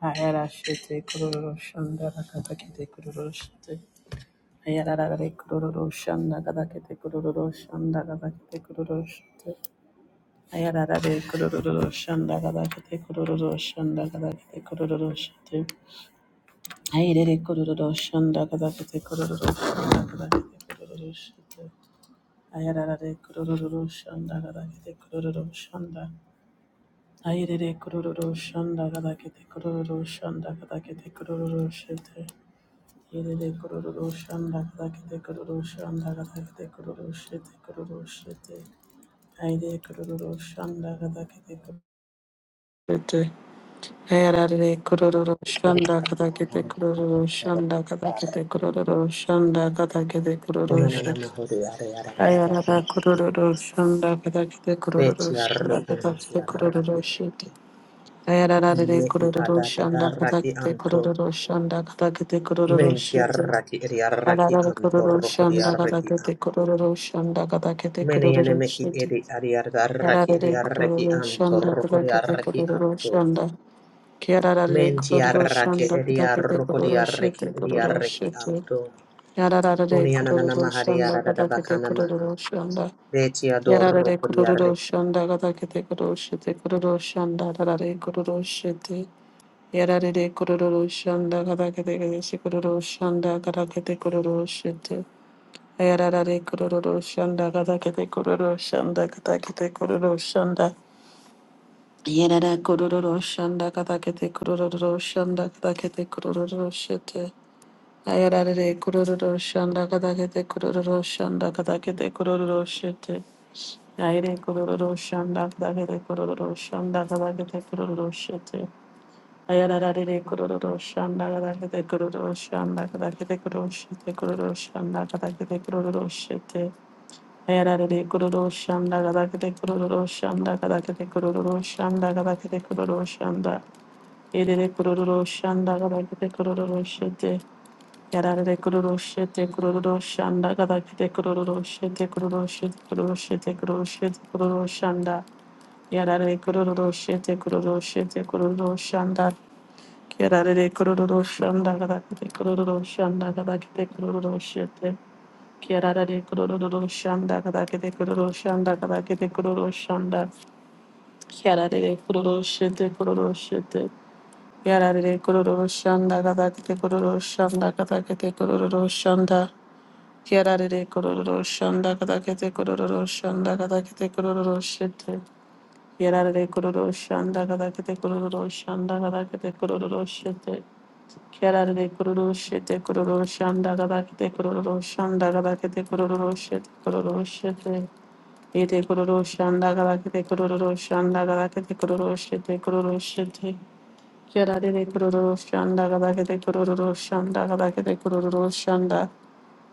Ayara shete kururu shanda rakata kete kururu shete. Ayara rare kururu shanda kata kete kururu shanda kata kete kururu shete. Ayara rare kururu shanda kata kete kururu shanda kata kete kururu shete. Ayere kururu shanda kata kete kururu shanda kata kete kururu shete. Ayara rare kururu shanda kata kete kururu shanda. Ayere kururu shanda kata kete kururu shanda kata kete kururu shete. Yere de Yerere kororo shanda kadakete kororo shanda kadakete kororo shete kororo shete. Aire kororo shanda kadakete kororo Ayarare kororo shanda kadakete kororo shanda kadakete kororo shanda kadakete kororo Onanana shete. mahuri yare yara rara Ayarara bakun. kororo shanda kadakete kororo Beti shanda arrokun ti kadakete arraki. kororo shete. Ayararare Mumehi kororo adadada shanda raki kadakete anto. kororo shanda kadakete kororo Menti shete. arraki eri arraki Yararara anto kururu rokodi shanda gada arraki kete anto. kururu shanda gada kete Mene yene kururu meki shete. eri ari arraki eri Yararare arraki kururu anto shanda gada rokodi kete arraki kururu anto. shanda. Yararare Menti kururu arraki shanda eri gada kete arrokodi kururu arraki shete eri kururu arraki shete. anto. Yararare Oni ananana kururu mahari yara shanda rara gada kete bakana maha. kururu shanda. Beti ador Yararare kururu rukuri shanda gada kete kururu shete kururu shanda. Yararare kururu shete. Yararare kururu shanda gada kete kururu shanda gada kete kururu shete. Ayararare kororo shanda katakete kete kororo shanda kata kete kororo shanda. Yerara kororo shanda kata kete kororo shanda kata kete kororo shete. Ayararare kororo shanda kata kete kororo shanda kata kete kororo shete. Ayre kororo shanda kata kete kororo shanda kata kete kororo shete. Ayararare kororo shanda katakete kete kororo shanda kata kororo shete kororo shanda kata kororo shete. Yararere kururu şanda gadakete kururu şanda gadakete kururu şanda gadakete kururu şanda yerere kururu şanda gadakete kururu şete yararere kururu şete kururu şanda gadakete kururu şete kururu şete kururu şete kururu şete kururu şanda yararere kururu şete kururu şete kururu şanda yararere kururu şanda gadakete kururu şanda gadakete kururu şete Kiara de kururu şanda kadar kete kururu şanda kadar kete kururu şanda. Kiara de kururu şete kururu şete. Kiara de kururu şanda kadar kete kururu şanda kadar kete kururu şanda. Kiara de kururu şanda kadar kete kururu şanda kadar kete kururu şete. Kiara de kururu şanda kadar kete kururu şanda kadar kete kururu şete. Kerare kururu şete kururu şanda kadar kete kururu şanda kadar kete kururu şete kururu şete yete kururu şanda kadar kete kururu şanda kadar kete kururu şete kururu şete Kerare de kururu şanda kadar kete kururu şanda kadar kete kururu şanda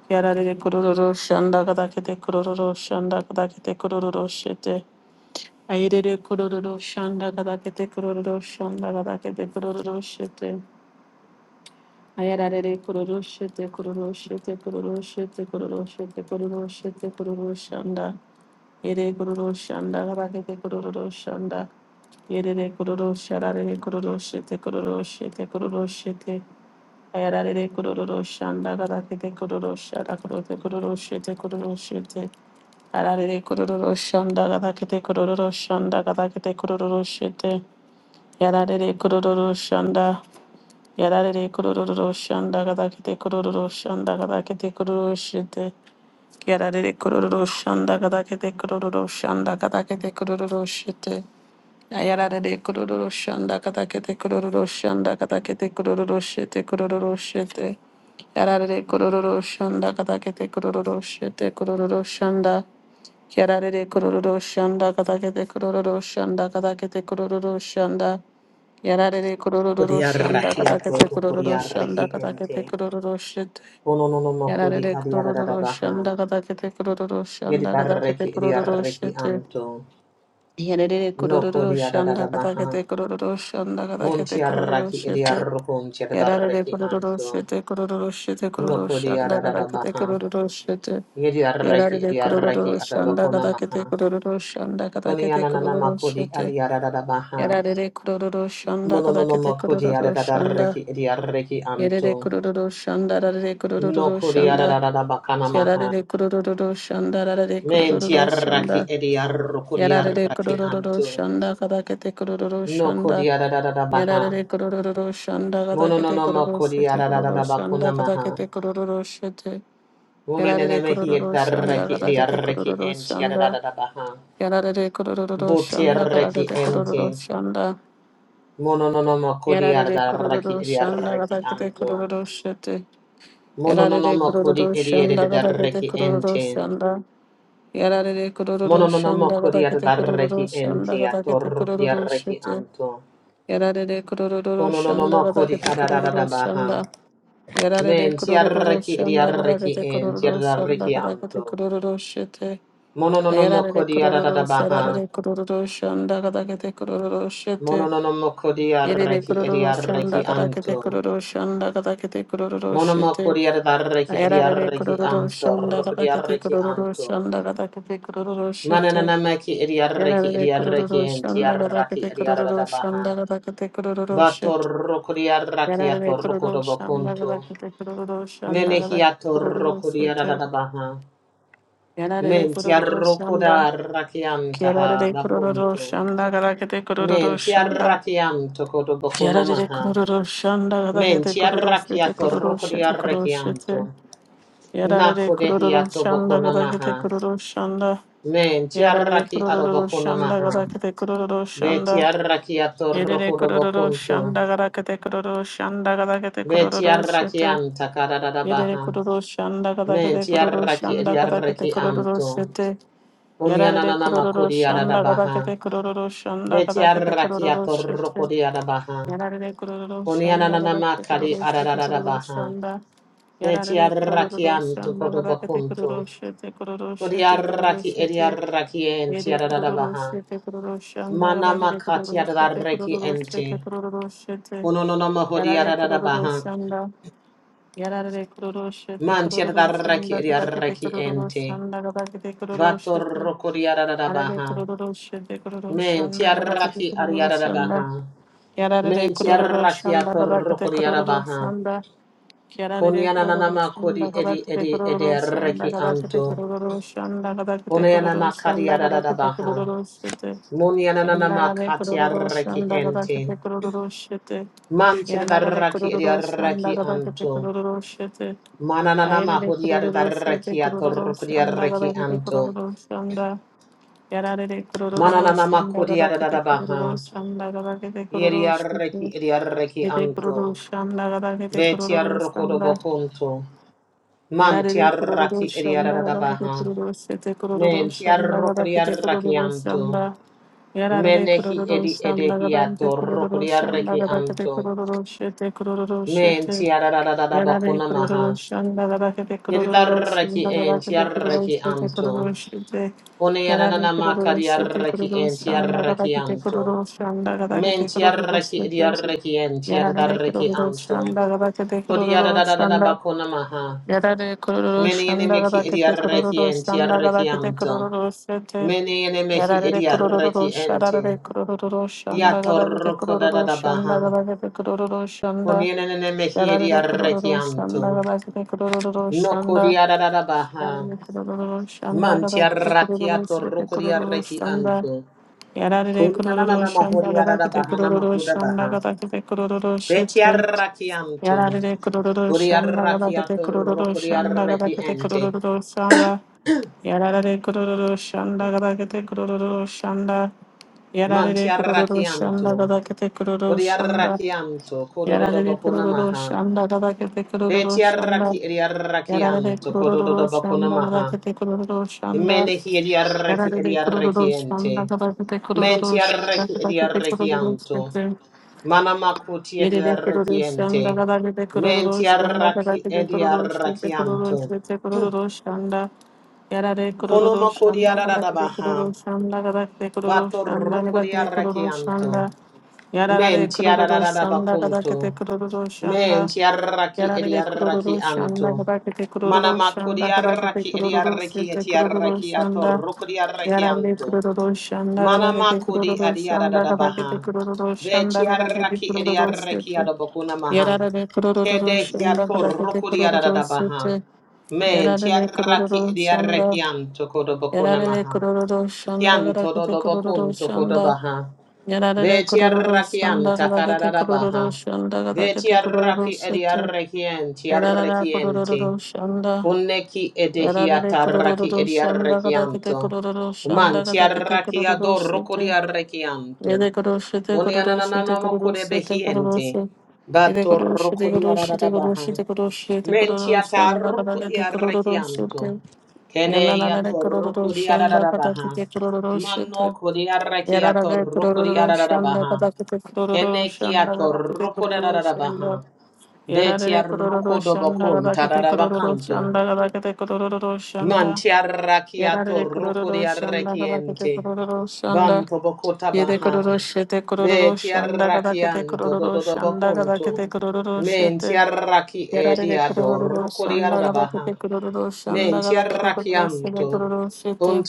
Kerare de kururu şanda kadar kete kururu şanda kadar kete kururu şete Ayere de kururu şanda kadar kete kururu şanda kadar kete kururu şete Ayararere kururu şete kururu şete kururu şete kururu şete kururu şete kururu şanda. Yere kururu şanda rabakete kururu şanda. Yerere kururu şararere kururu şete kururu şete kururu şete. Ayararere kururu şanda rabakete kururu şara kururu kururu şete kururu şete. Ayararere kururu kabakete rabakete kururu şanda rabakete kururu şete. Yararere kururu şanda. Yarare kururu şanda kada kete kururu şanda kada kete kururu şete. Yarare kururu şanda kada kete kururu şanda kada kete kururu şete. Yarare kururu şanda kada kete kururu şanda kada kete kururu şete kururu şete. Yarare kururu şanda kada kete kururu şete kururu şanda. Yarare kururu şanda kada kete kururu şanda kada kete kururu şanda. Yararere kurururu Kodi şanda arraki ato, katakete kodi kurururu şanda arraki ente. katakete kurururu şit. Ono no no mo kodi Yararere adiadada kurururu baha. şanda katakete kurururu Yedi şanda katakete barreki edi kurururu arreki şit. anto. Yararere No kurururu kodi adada şanda da baha. katakete kurururu şanda katakete Munti kurururu arraki edi şit. arrokunti Yararere adarreki kurururu anto. şit kurururu şit No kurururu kodi şanda adada da katakete baha. kurururu şit. Yedi arreki Yararere edi arreki kurururu şanda adabakona katakete maha. kurururu şanda Koni katakete ananana kurururu makodi şit. adiadada baha. Yararere kurururu şanda Mono no no katakete mo kodi kurururu adada da şanda reki edi arreki anto. Yerere kurururu şanda rarare No kurururu kodi şanda. adada da bakana maha. Kerarere kurururu şanda rarare Menti kurururu arraki şanda. edi arrokodi Yararere arraki kurururu anto. şanda kadakete kurururu No şanda. kodi adadadada baha. Yararere kurururu şanda Mono no kadakete no mo kurururu kodi şete kurururu adadadada bakuna şanda maha. kadakete kurururu şete. Mono nene Yararere mehi edi kurururu şanda arraki edi kadakete arraki kurururu enti şanda. adadadada baha. Yararere kurururu Buti şanda arraki kadakete enti. kurururu şanda. Mono no no mo kodi Yararere adarraki kurururu edi şanda arraki kadakete anto. kurururu şete. Mono no no Yararere mo kodi kururu edi şanda edi gada kete arraki kururu enti. şanda. Yararere Mono kururu no no mo şanda kodi gada kete kururu adarraki şanda enti gada kete atorrokodi kururu arraki şete. anto. Yararere kururu Mono no no şanda mo gada kodi kete adadadada kururu baha. şanda. Yararere Men kururu tiarraki şanda gada diarraki kete en kururu şanda tiarraki gada kete anto. kururu şete. Mononomoko Yararere kururu diaradabaha. yararere kururu şanda gada kete kururu şete. Mononomoko Yerere diarraki kururu şanda diarraki gada kete anto. kururu şanda gada kete kururu Monomoko şete. diarraki Yararare diarraki kururu anto. şunda Roko kata kete diarraki kururu anto. şunda kata kete kururu şete. Mananamaki diarraki Yararare diarraki kururu en şunda kata tiarraki kete kururu diaradabaha. şunda kata kete kururu Bato şete. roko diarraki ato Yararare roko kururu şunda dobokunto. kata kete kururu şunda Menehi kata kete ato kururu roko şete. diaradabaha. Yararare Menti kururu şunda. arrocoda rakiantaha Yararare kururu bakunto. şunda kata kete kururu Menti şunda. arrakianto Yararare kodobokunamaha. kururu şunda kata kete Menti kururu şete arrakiato kururu rocodi şete kururu arrakianto. şete. Yararare kururu Nakodehiato şunda kata kete bokunamaha. kururu şunda. Menti Yarare arraki kururu şanda gada adobokunamaha. kete kururu Beti şanda. arrakiato Yerere kururu rocodobokunto. şanda gada kete kururu şanda gada kete Beti kururu şete. arrakianta Yerere kadadabaha. kururu şanda gada kete Menti kururu arraki şanda gada kete kururu ediarrakianto. şete. Yarare Unyananana kururu makodi şanda gada adadabaha. kete kururu şanda Beti gada kete kururu arrakiato şete. rocodi adabaha. Yarare kururu şanda Kunianana gada kete makari kururu şete ararara kururu baha. şanda. Beti Yarare kururu arrakianto şanda gada kete kodobakunto. kururu şete kururu şete kururu Kodiarraki şete. ediarraki enti Yedi ararara kururu baha. şete kururu şanda Mana kadar yedi makati kururu şete ararraki kururu enti. şete kururu şete Kunonono mahodi yarare ararara kururu baha. şanda yarare kururu şete Manti kururu ararraki şanda kadar yedi ediarraki kururu enti. şanda kadar yedi kururu şete Vatorrokodi ararara yarare baha. kururu şete kururu Menti şanda kadar yedi arraki kururu ariarara şanda baha. yarare Menti kururu arraki şanda kadar atorrokodi kururu arabaha. şanda Yararlı Kunianana kuruluşun da makodi kadar edi kötü edi edi kuruluşun da arraki kadar kötü anto. kuruluşun da kadar kötü Koniana kuruluşun makadia da da da kadar da kötü baha. kuruluşun Moniana nana Yararlı makatia reki kuruluşun da kadar ente. kötü kuruluşun Manchir da Yararlı raki edia kuruluşun da raki kadar kötü anto. kuruluşun Mananana Ayrılı mahudia da kuruluşun raki atorkudia kuruluşun da reki kadar kötü anto. kuruluşun da Yararlı Mananana kuruluşun da makudia kadar da da kötü da baha. kuruluşun da kadar kötü Yeria kuruluşun reki edia reki Yedek anto. kuruluşun da kadar kötü Betia rokodo kuruluşun da bokunto. Yararlı Mantia kururu raki edia da şanda da da kadar kete baha. kururu sete kururu Mentia şanda kadar rokodia kete raki kururu anto. şanda yararlı Menehi kururu edi şanda kadar kete edehiato kururu rokodia şanda reki kadar kete anto. kururu sete kururu Men sete tiarararara yararlı bakuna kururu maha. şanda kadar kete kururu Yedidarraki şanda kadar en kete kururu tiarraki sete anto. kururu sete One yararlı yanana kururu sete makariarraki kururu en şanda kadar tiarraki kete anto. kururu şanda kadar Men kete kururu tiarraki sete diarraki en yararlı tiarraki kururu anto. şanda kadar kete kururu Kodiarararara şanda bakuna maha. Yarare kororo Meni şandara enemeki bakete idiarraki kororo en şandara tiarraki bakete anto. kororo sete. Meni enemeki Yarare kororo idiarraki ente. şarare kororo şandara bakete Yatorroko kororo dadada şandara baha. bakete kororo şanda. Koniene enemeki Yarare kororo idiarraki anto. şandara bakete kororo No şanda. kodiararara baha. Yarare kororo şandara Manti bakete kororo arrakiato sete rukuri kororo arreki şanda. anto. Yarare Kuni kororo ananana mahuri şandara arara bakete bahana kororo makuda şandara baha. bakete kororo Beti sete. arrakianto. Yararlı kururu Kuri şanda galakete arrakiato kururu rukuri şanda arreki galakete ente. kururu şanda Yararlı kururu şanda galakete kururu şanda Manti Yararlı kururu arrakianto. şanda galakete kururu Kuri şanda arrakianto. Kodododo Yararlı bakuna kururu maha. şanda galakete kururu Beti şanda arraki iri Yararlı arrakianto. kururu Kodododo bakuna şanda maha. galakete kururu şanda Mene hi iri arreki iri Yararlı kururu arreki şanda ente. galakete kururu Menti şanda arreki iri galakete arreki kururu anto. şanda Mana makuti edi Yerere arrekiente. kuruluşan da kadar bir Menti kuruluşan da kadar arraki bir edi kuruluşan da arrakianto. kuruluşan da kuruluşan da Yarare Kono makodi kuruluşan da kadar bir aradabaha. kuruluşan da kadar bir Bato kuruluşan da kadar rokodi bir arrakianto. kuruluşan da Yarare Menti kuruluşan da kadar aradadabakunto. bir kuruluşan da Menti arraki edi Yarare kururu arrakianto. şanda kadakete Mana kururu makodi şanda kadakete arraki edi kururu arraki sete eti kururu arraki ato şanda rokodi yarare arrakianto. kururu şanda Manama kadakete kodi kururu adiada da şanda da kadakete baha. kururu şanda kadakete Vetiaraki kururu ediaraki sete adabokuna maha. yarare kururu Kede şanda yato kadakete rokudi adada kururu da baha. sete Men yarare tiaraki kururu şanda ediaraki anto kodobokuna yarare maha. kururu şanda Yanto kadakete kururu dodobokun tokoda şanda baha. yarare kururu Vetiaraki şanda anta kadakete kadada da kururu baha. şanda kadar kete kururu Vetiaraki sete ediaraki enti Yarara araki kororo enti. shanda. Kuneki Yarare edehiata raki kororo shanda kada kete ediarrekianto. kororo shanda Manti kada kete kororo arrakiado shete. rocodiarrekianto. Yede kororo shete kororo shete Unianananamo kororo shete kororo codebehiente. shete. Yede Bato kororo shete kororo shete kororo rocodiaradabaha. shete kororo shete kororo Mentiata shanda kada kete kororo rocodiarrekianto. shete. Yananare Keneiato kororo shanda kada rocodiaradabaha. kete kororo Mano shete. Yarara codiarrekiato kororo shanda rocodiaradabaha. kada kete kororo shanda Enekiato kada kete kororo rocodadabaha. shanda. やられ Betia れコロロロシャンダが rocodobocum だけてコロロロシャ tadadabacanto. ンダがだけてコロロロロシャンダやられ Mantiarrakiato れコロロロシャンダがだけてコ rocodiarrequiente. ロロロシャンダ Banto bocota 家でコロ baha. ロシェてコロロロシャンダがだけてコロ Betiarrakianto ロロシャンダがだけ dododobocunto. てコロロロシェて Mentiarraki やられれコロ ediado ロロシャンダがだけて rocodiarabaha. コロロロシャンダがだけてコロロシェてコ Mentiarrakianto. ロロシェて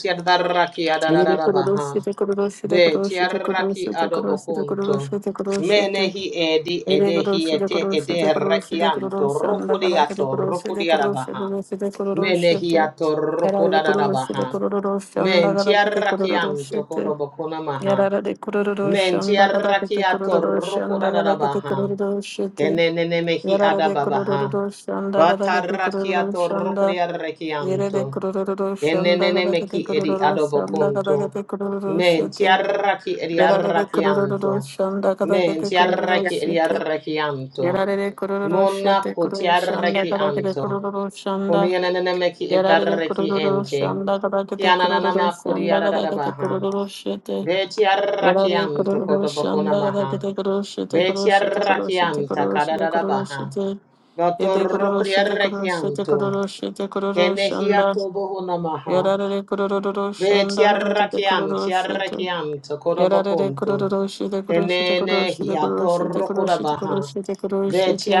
家でコロロシェ てコロロシェてコロロシェてコロロシ Betiarraki ェてコロロシェてコロロシェ adobocunto. てコロロシェて Menehi edi Ele koroshi de edehiete koroshi de koroshi de ederrequianto koroshi anda kada kada rocodiato koroshi de koroshi rocodiarabaha. koroshi de koroshi de Menehiato yarara de koroshi de rokodadadabaha. kororoshi anda Men kada kada tiarrakiam kororoshi de tokodobokona maha. yarara de kororoshi Men anda kada kada tiarrakiato kororoshi anda kada kada rokodadadabaha. kororoshi de Kenenenemehi yarara de adababaha. kororoshi anda kada kada Batarrakiato kororoshi anda yere rokodiarrakianto. de kororoshi anda kada kada Kenenenemeki edi kororoshi anda kada adobokonto. kada Men kororoshi de tiarraki edi yarara de arrakianto. kororoshi anda kada Men kada tiarraki edi kororoshi de arrakianto. やられれくるるるしえ Mona て ko くるしゃんだからけてくるるるしゃんだ。Kuniyananameki やられれくる idarreki るるしゃ ente. んだからけてくるるる Kiananama しゃんだからけてくる kuriaradabaha. るるして。やられ Betiarrakiam くるるるしゃん tokotobokona だから maha. けてくるしえてくるしえてくるし Betiarrakiam てくるしてくる takadadabaha. して。えてくるるしてくるしてく Notorukriarrekianto. るしてくるしゃんだ。Kenehiatobohona maha. やられれくるるるしゃんだからけてく Betiarrakiam るるして。tiarrekiam やられれく tokotobokonto. るるるしてくるしてくるしてくるしてくるしてく Kenenehiatorukodabaha. るしてくるして。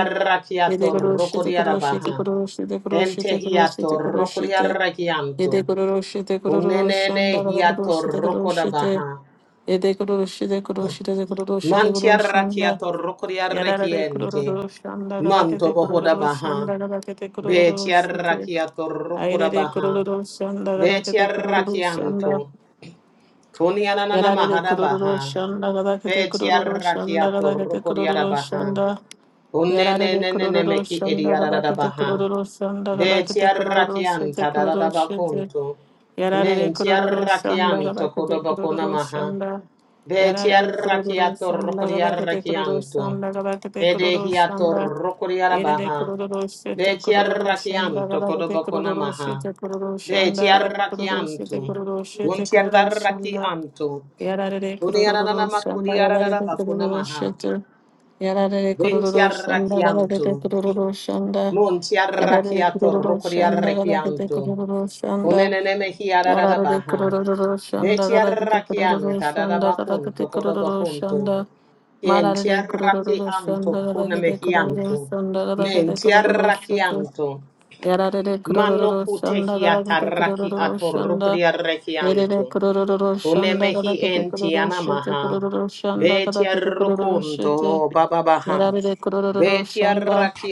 Yede koroshite koroshite koroshite koroshite koroshite koroshite. Entehiatorukuriarrekianto. Yede koroshite koroshanda Unenene hiato koroshite roko da koroshite. baha. Yede koroshite koroshite koroshite Mantiarra koroshanda. kiato roko diarre Yarare kororoshanda kadakete Manto boho da kororoshanda baha. kadakete Betiarra kororoshite. roko da Airere baha. kororoshanda kadakete Betiarra kororoshanda. kianto. Kunianana Yararere mahada kururu baha. şanda gadakete kururu Betiarra şanda gadakete roko diara kururu baha. şanda. Yararere Unenene kururu meki şanda ediara da gadakete baha. kururu şanda gadakete Betiarra kururu şete kianta da da da kururu şete. bakunto. Yararere kururu Mentiarra şanda gadakete kodobako kururu namaha. şanda. Beti Yararere kururu arrakiato şanda rokodi gadakete kururu arrakianto. şanda gadakete Ede kururu hiato şanda. rokodi Yerere arabaha. kururu şete Beti kururu arrakianto şendara te kodoboko kururu namaha. şete kururu Beti şendara kururu şete Betiarrakiato kururu şete kururu şendara rokodiarrakianto. Edehiato yarare rokodiarabaha. Betiarrakianto kururu kodobokonamaha. Betiarrakianto. Untiarrakianto. şendara te kururu Uniananamakuriarabakonamaha. şete yarare kururu şendara Bentiarrakianto. te kururu şendara yarare Muntiarrakiato kururu şendara te rokodiarrakianto. kururu şendara Yararlı Unenenemehiarabaha. kururu şanda kadar kıtı kururu Betiarrakianta şanda kadar dadabakunto kıtı kururu kodobokunto. şanda. Kien ti Mararlı kururu anto şanda kadar kukuna kıtı kururu mehianto. şanda kadar Men kıtı ti kururu şanda. anto. Yararlı Mano kururu kute şanda hi kadar kıtı ataraki kururu atorukri şanda. Yerele arrakianto. kururu Une şanda mehi kadar kıtı enti kururu şanda anamaha. kururu Be şanda ti kadar kıtı kururu arrokonto şanda. bababaha. Yararlı kururu beti ti şanda. arraki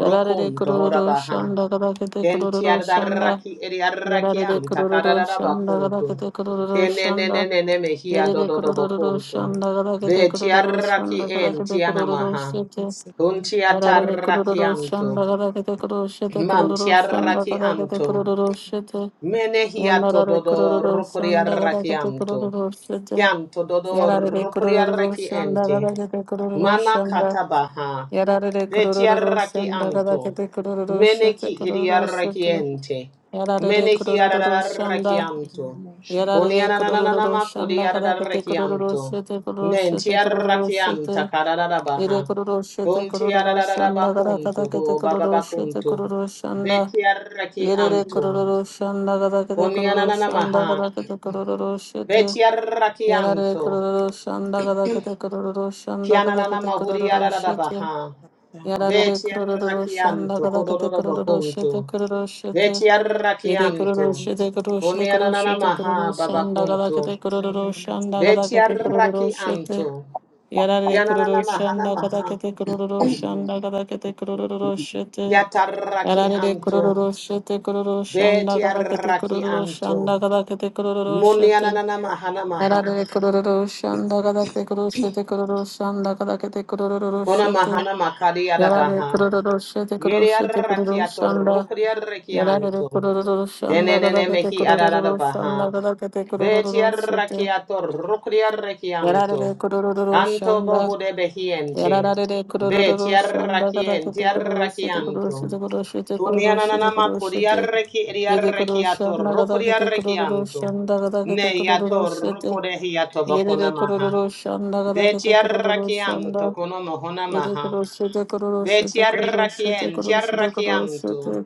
Yararlı kururu horabaha. şanda kadar kıtı Kenti kururu şanda. adaraki eri araki Yararere anta kurururu kararara şanda gada bakuntu. kete kurururu Kene ne ne şanda. ne ne mehia Yes, Yerere dododo kurururu bakuntu. şanda gada kete Beti kurururu araki şanda gada kete enti kurururu anamaha. şete. Kunti Yararere ataraki kurururu anto. şanda gada kete kurururu şete Manti kurururu şanda araki gada kete anto. kurururu şete. Menehia Yandarare tododo kurururu rukuri şanda gada araki kete anto. kurururu şete. Yanto dodo Yararere rukuri kurururu araki şanda ente. gada kete kurururu Mana şanda. katabaha. Yararere kurururu Betiaraki şanda gada anto. kete kurururu şete Meneki kurururu şete. idiarakiente. Yararere Meneki kurururu şanda. adararakianto. やられれくるるるる Kunianananama しゃん kudi らかだけてく adaraki anto るるる adararakianto. しててくるるしてくるるるしてて Nentiarakianta いれ kararabaha. くるるしてく Kunti るるるしゃんらかだ adararabakunto. けて Ho くるるしてく bababakunto. るるしゃんらいれれくる anto るるしゃんらかだけてくるるしゃんらか Kuniananamaha. だけてくるるるしてやられれくる Betiarakianto. るるしゃんらかだけてくるるるしゃんらかだけて Kianananama くるる hudi るして adararabaha. Yararere Veti kururu şanda arrachianto, kadakete cododo kururu şete bocunto. kururu şete. Veti Yede kururu arrachianto. şete kururu şete kururu Conianana şete kururu maha şanda babacunto. kadakete kururu şanda Veti kadakete kururu şete. arrachianto. Yararere Yanana kururu mahana şanda maha. kadakete kururu şanda kadakete kururu şete. Yararere Yatarrachianto. kururu şete kururu şanda Veti kadakete kururu arrachianto. şanda kadakete kururu şete. Munianana mahana maha. Yararlı kururu şanda kadar kururu şete kururu şanda kadar te kururu Kona şete mahana makari yararlı arabaha. kururu şete kururu Yeri şete kururu arrachiato, şanda rocri yararlı arrachianto. kururu şanda Enenene kadar te mehi kururu ararabaha. şanda kadar te kururu şete Betiarrakiato rukriarrakianto. yararlı kururu Anto şanda bohude やらられでくるるるるしゃんだかだけてくるるしてくるるしてくるるしてくるるしてくるるして出てくるしゃんだかだけてくるるるしゃんだかだけてくるるるして入れてくるるるしゃんだかだけてくるるるしゃんだ入れてくるしてくるるしてくるるしてくるるしてくるるして入れてくるしゃんだらららでくるるるしゃんだ behiente. Betiarrakien, tiarrakianto. Uniananama kuriarreki iriarrakiato rukriarrakianto. Neyato rukurehiato bokunamaha. Betiarrakianto konomohonamaha. Betiarrakien, tiarrakianto.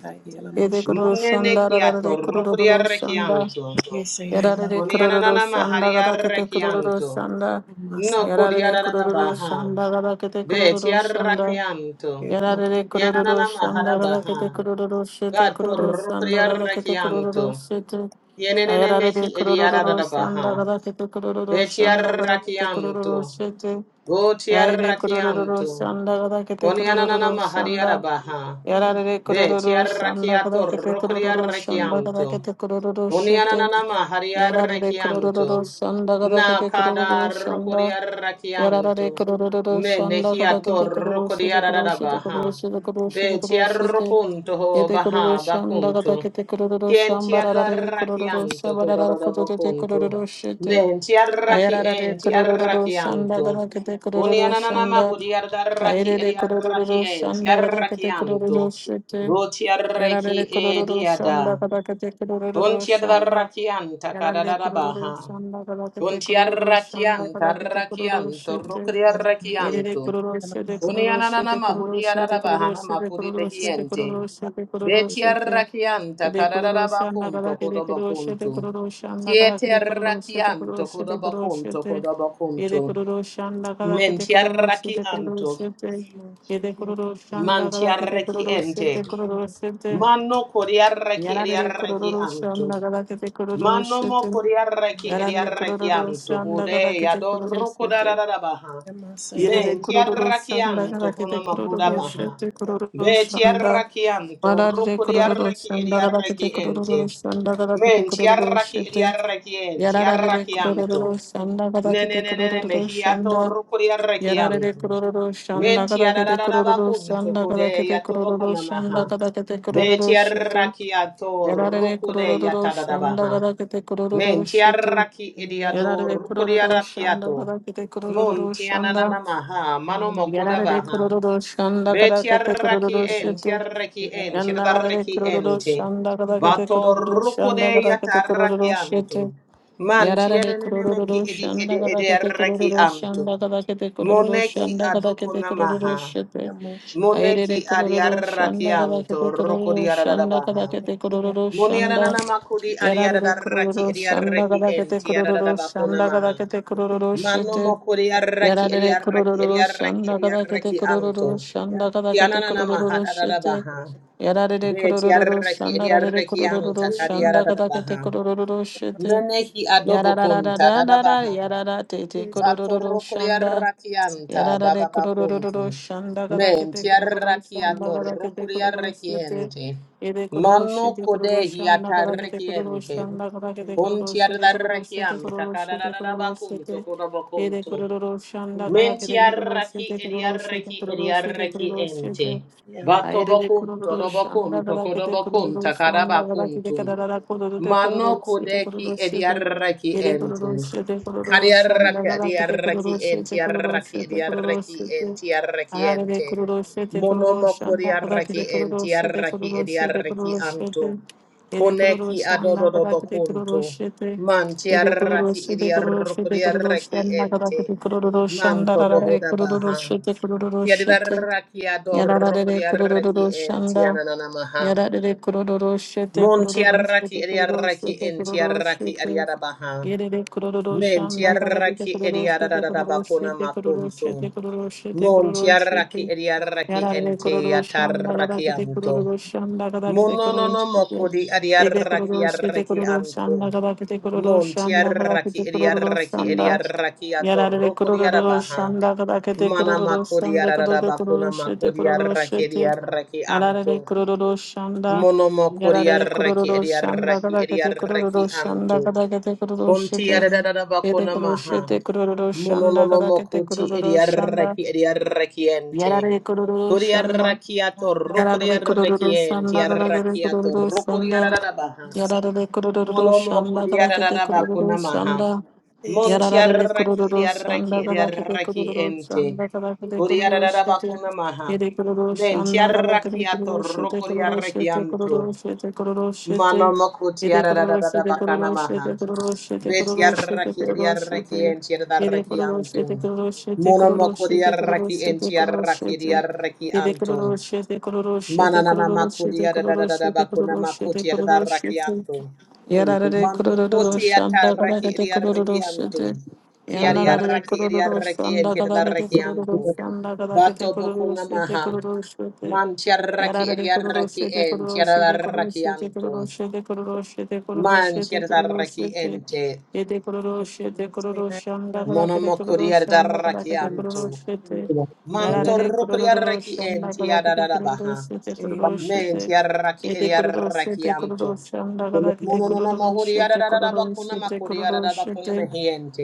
Munene kiato rukriarrakianto. Yarare kururu Konianana shanda gada kete kururu hariarrekianto. shanda. No Yarare kodiarada kururu baha. shanda gada kete Be kururu shanda. tiarrakianto. Yarare kururu Yanana shanda gada maharabaha. kete kururu shete God kururu shanda gada kete porrukriarrekianto. kururu shete. Yenene mehi Ayarare ediarada kururu baha. shanda gada kete kururu Be shanda gada kete tiarrakianto. kururu shete. Go Yarare kurururu tiarrakianto. şanda kadar kete Konianana kurururu şanda. mahariara baha. Yarare Be kurururu şanda tiarrakiato kadar kete kurururu şanda kadar rukriarrekianto. kete kurururu şete. Uniananama Yarare kurururu hariarrekianto. şanda kadar Na kete kada kurururu şanda. Yarare rokoriarrakianto. kurururu şanda kadar Menehiato kete kurururu şete kurururu şete kurururu rokoriaradabaha. şete kurururu şete kurururu şete. Betiarrokunto ho Yete kurururu baha şanda kadar bakunto. kete kurururu şambararare kurururu Kientiarrakianto şabararare kurururu hodododobokunto. kurururu şete. Mentiarraki Ayarara de kurururu şanda entiarrakianto. gada kete kurururu Uniananama şanda. hodiardarraki Ayere de kurururu şanda gada kete ediarrakientiarrakianto. kurururu şete. Yarara Botiarreki de kurururu şanda ediada. gada kete kurururu Kuntia şanda. rakian Yarara de takadada kurururu baha. şanda gada kete Kuntia kurururu şanda rakian gada kete tarakian kurururu şete. torukria Erere rakianto. kororoshete Unianana kororoshete mahudia kororoshete bahana kororoshete makudi kororoshete behiente. kororoshete Betia kororoshete rakianta Ede kadada kororoshe anagada bakunto kede kororoshete kodobakunto. kororoshe anagada Kietia kede kororoshete rakianto kororoshete kodobakunto kororoshete Ede kodobakunto. kororoshe anagada kede Mentia kororoshete rakianto. kororoshete Ede kororoshe anagada Mantia kede rakiente. kororoshete kororoshete Mano kodia raki edia Yarare kororoshe rakianto. anagada kede Manomo kororoshete koriaraki Yarare kororoshe ediarakianto anagada hude kede yadoruko kororoshete dararabaha. Yamasaya Men Yerere Yamasaya kururu şanda tiarakianto rakete konomakoda kururu baha. şete kururu Ve şanda tiarakianto marare ruko kururu diaraki şanda ediaraki rakete kururu ente. şanda rakete Men kururu tiaraki şete ediaraki en yararare tiarakianto. kururu şanda Ne ne rakete ne ne ne kururu mehiato şanda ruko yararare diarakianto. kururu Men şanda rakete kururu tiararabakunto şanda kode rakete kururu yatobokona maha. şanda rakete Ve kururu şete tiarakiato yararare ruko de kururu şanda yatadadabaha. rakete kururu şete Mentiaraki yararare idiador kururu şanda kodiarakiato. rakete kururu şanda Muntiananamaha, Yarare manomokodabaha. kororo şanda kara kete Betiaraki kororo en, şete. tiaraki en, Yandarare tiaraki kororo ente. şanda kara kete kororo Batorukode şanda kara kete kororo yatarakianto. şete. Yarare Mantianenemeki kororo idi idi şanda kara kete idiaraki kororo anto. şanda kara kete kororo Moneki şanda kara kete kororo adokonamaha. şete. Moneki Ayrere kororo şanda kara adiarakianto, kete kororo şanda rokodiarabaha. kara kete kororo Muniana şanda. nana makuri ariada da Yarare raki kororo şanda kara kete enti arada da kororo bakuna şanda kara maha. kete kororo Mano şete. mokuri araki Yarare ediaraki kurururu ediaraki şanda kada kete ediaraki kurururu anto. şanda kada Tiana kete nana maha kurururu da da şete. baha. Yarare Be kurururu tiaraki şanda rarere ediaraki anta kurururu kadiara şanda da kada kete baha. kurururu şete. Meneki adobo kunta da da Yarararararara baha. yarara tete kurururu Batoro şanda. kuriaraki anta Yarara de baba kurururu bakuntu. shanda gada Men kete kururu tiaraki shanda gada atoro kete kururu kuriaraki shete. enti. Ede kururu Mano shete kururu kode shanda gada kete hiataraki kururu enti. shanda gada kete kururu Kunti shete kururu shete arrakiam, kururu shete kururu takadadadabakun, shete. Ede tokodabakuntu. kururu shanda Yamasaya gada Menti kete kururu arraki, shete kururu shete ediarraki, kururu shete ediarraki kururu shete. ente. Yeah, Bato Aire de bakun, kururu todobakun, şanda kadar kete tokodobakun, kururu şanda kadar kete takadabakuntu. kadar kururu de Mano kururu şete kodeki kururu şete ediaraki yere ente. kururu şete kururu şanda Kadiaraki kadar kete ediaraki kururu şete ente kururu araki şete kururu ediaraki şete ente araki ayare de ente. kururu şete kururu Monomo şanda kadar kodiaraki kete kururu ente şete araki kururu şete ediaraki kururu anto. şete yere kururu Koneki şanda kadar adododobo kete kunto. kururu şete Manti yere kururu araki şete kururu ediaroko şete kururu diaraki şanda kadar ente. kete kururu şanda Manto kadar kete bohoda kururu baha. şete kururu şete Kiadaraki adoroko Yararare diaraki kurururu enti şanda. ananamaha. Yararare kurururu şete Mon kurururu tiaraki şete kurururu ediaraki şete in kurururu tiaraki şete. adiadabaha. Yerere kurururu Men şanda. Yararare tiaraki kurururu şete kurururu ediadadadabakuna şete kurururu makuntu. şete kurururu şete Mon kurururu şete. tiaraki ediaraki Yararare ente kurururu şanda. ataraki Yararare anto. kurururu şanda. Yararare kurururu Mononono şete. mokodi Ede adiaraki kurururu şete araki kurururu anto. şanda. Yararare kurururu Mon şanda. tiaraki Yararare kurururu ediaraki şanda. ediaraki Yarare atoroko kururu diadabaha. şanda kadakete Mana kururu makodi şanda kadada adadadabakuna kururu şete makodi kururu araki şete. ediaraki anto. Arare kururu şanda. Monomo Yarare koriaraki kururu şanda ediaraki kadakete ediaraki kururu şanda anto. kadakete kururu Konti şete. adadada Ede bakuna kururu maha. şete kururu şanda Mononomo kadakete koti kururu şanda. ediaraki ediaraki ente. Yarare kururu şanda. Koriaraki ato Yarare rokoriaraki kururu şanda ente. kadakete Araki ato kururu şanda. rokoriarada baha. Yarare kururu Monomo şanda kadakete koriarada bakuna kururu maha. şanda. Monti Yararare araki kururu ediaraki shanda kabakete ediaraki kururu ente. shanda kabakete kururu Koriarada shete. bakuna maha. Yere kururu Menti shanda araki kabakete ato kururu shete kururu rokoriaraki shete anto. kururu shete kururu Mano shete. moko Yere tiara da da kururu da da shete bakana kururu maha. shete kururu shete Bet kururu shete yarraki kururu yarraki shete. ent Yere yarraki kururu shete anto. kururu shete Mono kururu moko shete kururu yarraki ent shete kururu yarraki shete. yarraki Yere anto. kururu shete kururu shete Manana na kururu mako shete diara da kururu da da da shete bakuna kururu mako shete kururu yarraki shete. anto. Good Yarare Mano kururu koti shanda yarraki kadagete kururu yarraki shite. anto. Kiari Yanarare yarraki kururu yarraki shanda ent kadagete yarraki kururu anto. shanda kadagete Bato kururu bokuna shite maha. kururu shite. Man tiarraki Yarare kururu yarraki shite ent kururu shite kururu yarraki shite kururu anto. shite kururu shite kururu Man shite kururu tiadaraki shite. ente. Yete kururu shite kururu shanda kadagete Monomo kururu shanda kuriadaraki kadagete kururu antu. shite. Yarare Mantorro kurier kururu raki shanda enti kadagete adadadabaha. kururu shite kururu Men shite. tiadaraki エテクロロシェ ediadaraki テクロ antu. ロシャンダガラケテクロ Mononomo ロシェテクロロシ huriadadadabakuna ェテクロロシェ makuriadadabakuna テ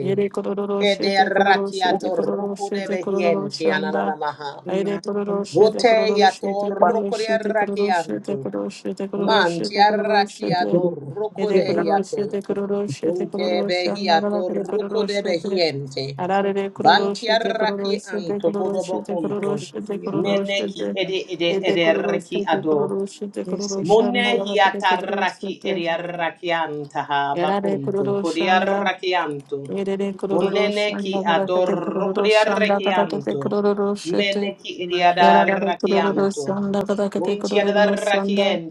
エ レクロロシェテクロロ Kederaki シェテクロロ atorruku シェテクロロシ debehienti ャンダ ananamaha. エレクロロシェテクロ Vote ロシェテクロロ yatorruku シェテクロ raki ロシェテク antu. ロロシェテクロロ Man シェテクロロシェテ tiarrakiado エ ruco レ de クロロシェ hiato. テクロロシェテクロ Punte ロシャンダガラ behiato ケテクロ ruco ロシ de ェテ behiente. アラレレクロロシェテクロ Bantiarraki ロシェテク anto ロロシ codobo ェテクロロ conto. シェテクロロシェテ Meneki ede ede Ede ede kururusha reki de ado. kururusha de kururusha na Mone vahate de kururusha hiataraki de eriarakiantaha yara de bakuntu kururusha nda kodiarakiantu. yere de kururusha Uneneki nda vahate de ador kururusha nda vahate de kodiarakiantu. kururusha de Meneki yara de Yes. eriarakiantu. kururusha nda vahate de kururusha Untiadarrakien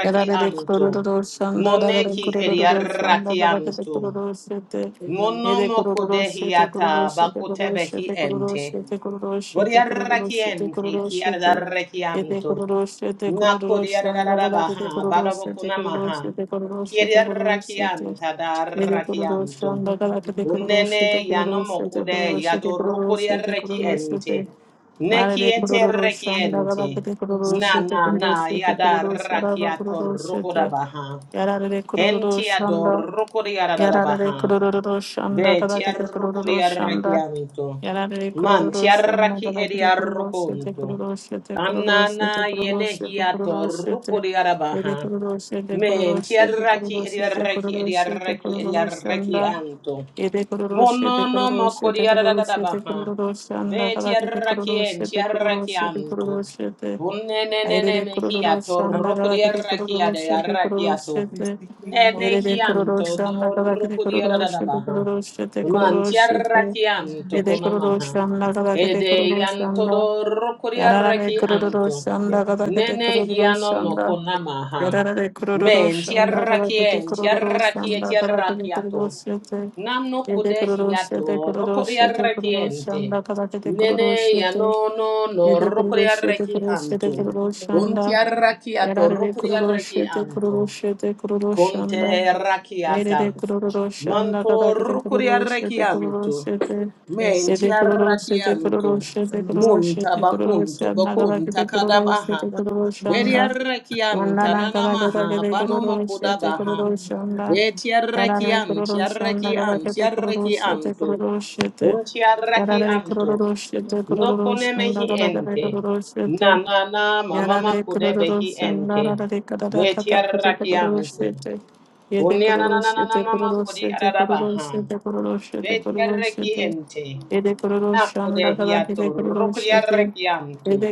やられてく るるるしゃんだらられく Moneki るるるしゃんだららけて eriarakiantu. くるるしてえでく Monomo るるしてくるる kodehiata してくるるし bakutebehi てくるる ente. してくるるしてくるるしてく Bodiarrakiente るるしてえでく kiadarrakianto. るるしてくるるしゃんだららけてく Nakodiararabaha, るるしてくるるし Barabokunamaha, てくるるしてくるるして Kiriarakianta えでくるるしゃ darakianto, んだららけてくるるして Unene くるるしてくるる yanomokude してくるるしてく yadorukuriareki るるして ente, Marere Nekiete kururu şanda rekiente, galakete kururu Na şete na kururu na şete kururu saraba yadarakiato kururu şete rukodabaha, yararere kururu Enti şanda やられたいく adorukuriararabaha, るるるるしゅんだ Ve かだ ti てていくるる arroco る di しゅんだ arrecchianto. やられたいくる Man る ti るしゅんだ arracchi かだ e て di ていくるるしゅていくる arroconto. るしゅていくるるしゅてい Annana くるる yene しゅていくる hiato るしゅて di えでいく arabaha. るるしゅていくる Men るし ti ゅていくる arracchi る e di しゅていくる arrecchi e る di しゅていく arrecchi る e di るしゅんだ arrecchianto. えでいくるるしゅていく Monono るるしゅていくるるしゅていく mokodiadadadabaha. るるしゅんだかだてていくるるし Vetiarrakian, ゅていくるるしゅていくる tiarrakianto. るしゅてあえて Unenenene いくるるし mehiato, ゅんだかだてていくるる rokodiarrakiade, しゅていくるるしゅ arrakiato. て Yerede Nenehianto, kuruluşa ne kadar kedi kuruluş, kedi dorokodiadadabaha. kuruluş, kedi Man kuruluş, kedi tiarrakianto, yedi konamaha. kuruluşa ne kadar kedi Ede yanto, kuruluşunda de kuruluşa dorokodiarrakianto. ne kadar kedi Nenehiano kuruluşunda mokonamaha. yararlı Men kuruluşa ne kadar kedi tiarrakien, kuruluşa tiarrakie, ne kadar kedi tiarrakiato. kuruluş, Nanno yedi kude kuruluş, yedi hiato, kuruluş, rokoria yedi kuruluş, rekiente. ne kadar kedi Nene ya kuruluş, no no no Yede kurulu rokoria şede reki kurulu şede anto. kurulu şanda. Kuntia rakiato, Yarare rokoria kurulu reki şede anto. kurulu şede kurulu Kunte anda rakiata. Ayrere kurulu şanda kadar Manto yede rukuri kurulu şede kurulu arrechianto, şede. menti Yede kurulu şede kurulu arrachianto, şede kurulu monta şede kurulu bacunto, şanda kadar bacunta yede kurulu şede cadabaha, kurulu veri anda arrechianta Yandana kadar kadar nanamaha, yede kurulu panomoco şede dabaha, kurulu şanda. veti Yarare arrechianti, kurulu şanda kadar arrechianti, yede kurulu şede arrechianto, kurulu şede. unti Yarare arrechianto, kororoshete no kororoshanda conemehi dadare ente, kororoshete nanana yarare mamaco debehi kororoshanda ente, dadare kadada veti katakite arrechianto. kororoshete yede kororoshete Kunyananananama kororoshete kodiarabaha. kororoshete kororoshete kororoshete Betiarrekiente. yede Nako de kororoshanda hiato dadakite kororoshete rokriarrekianto. yede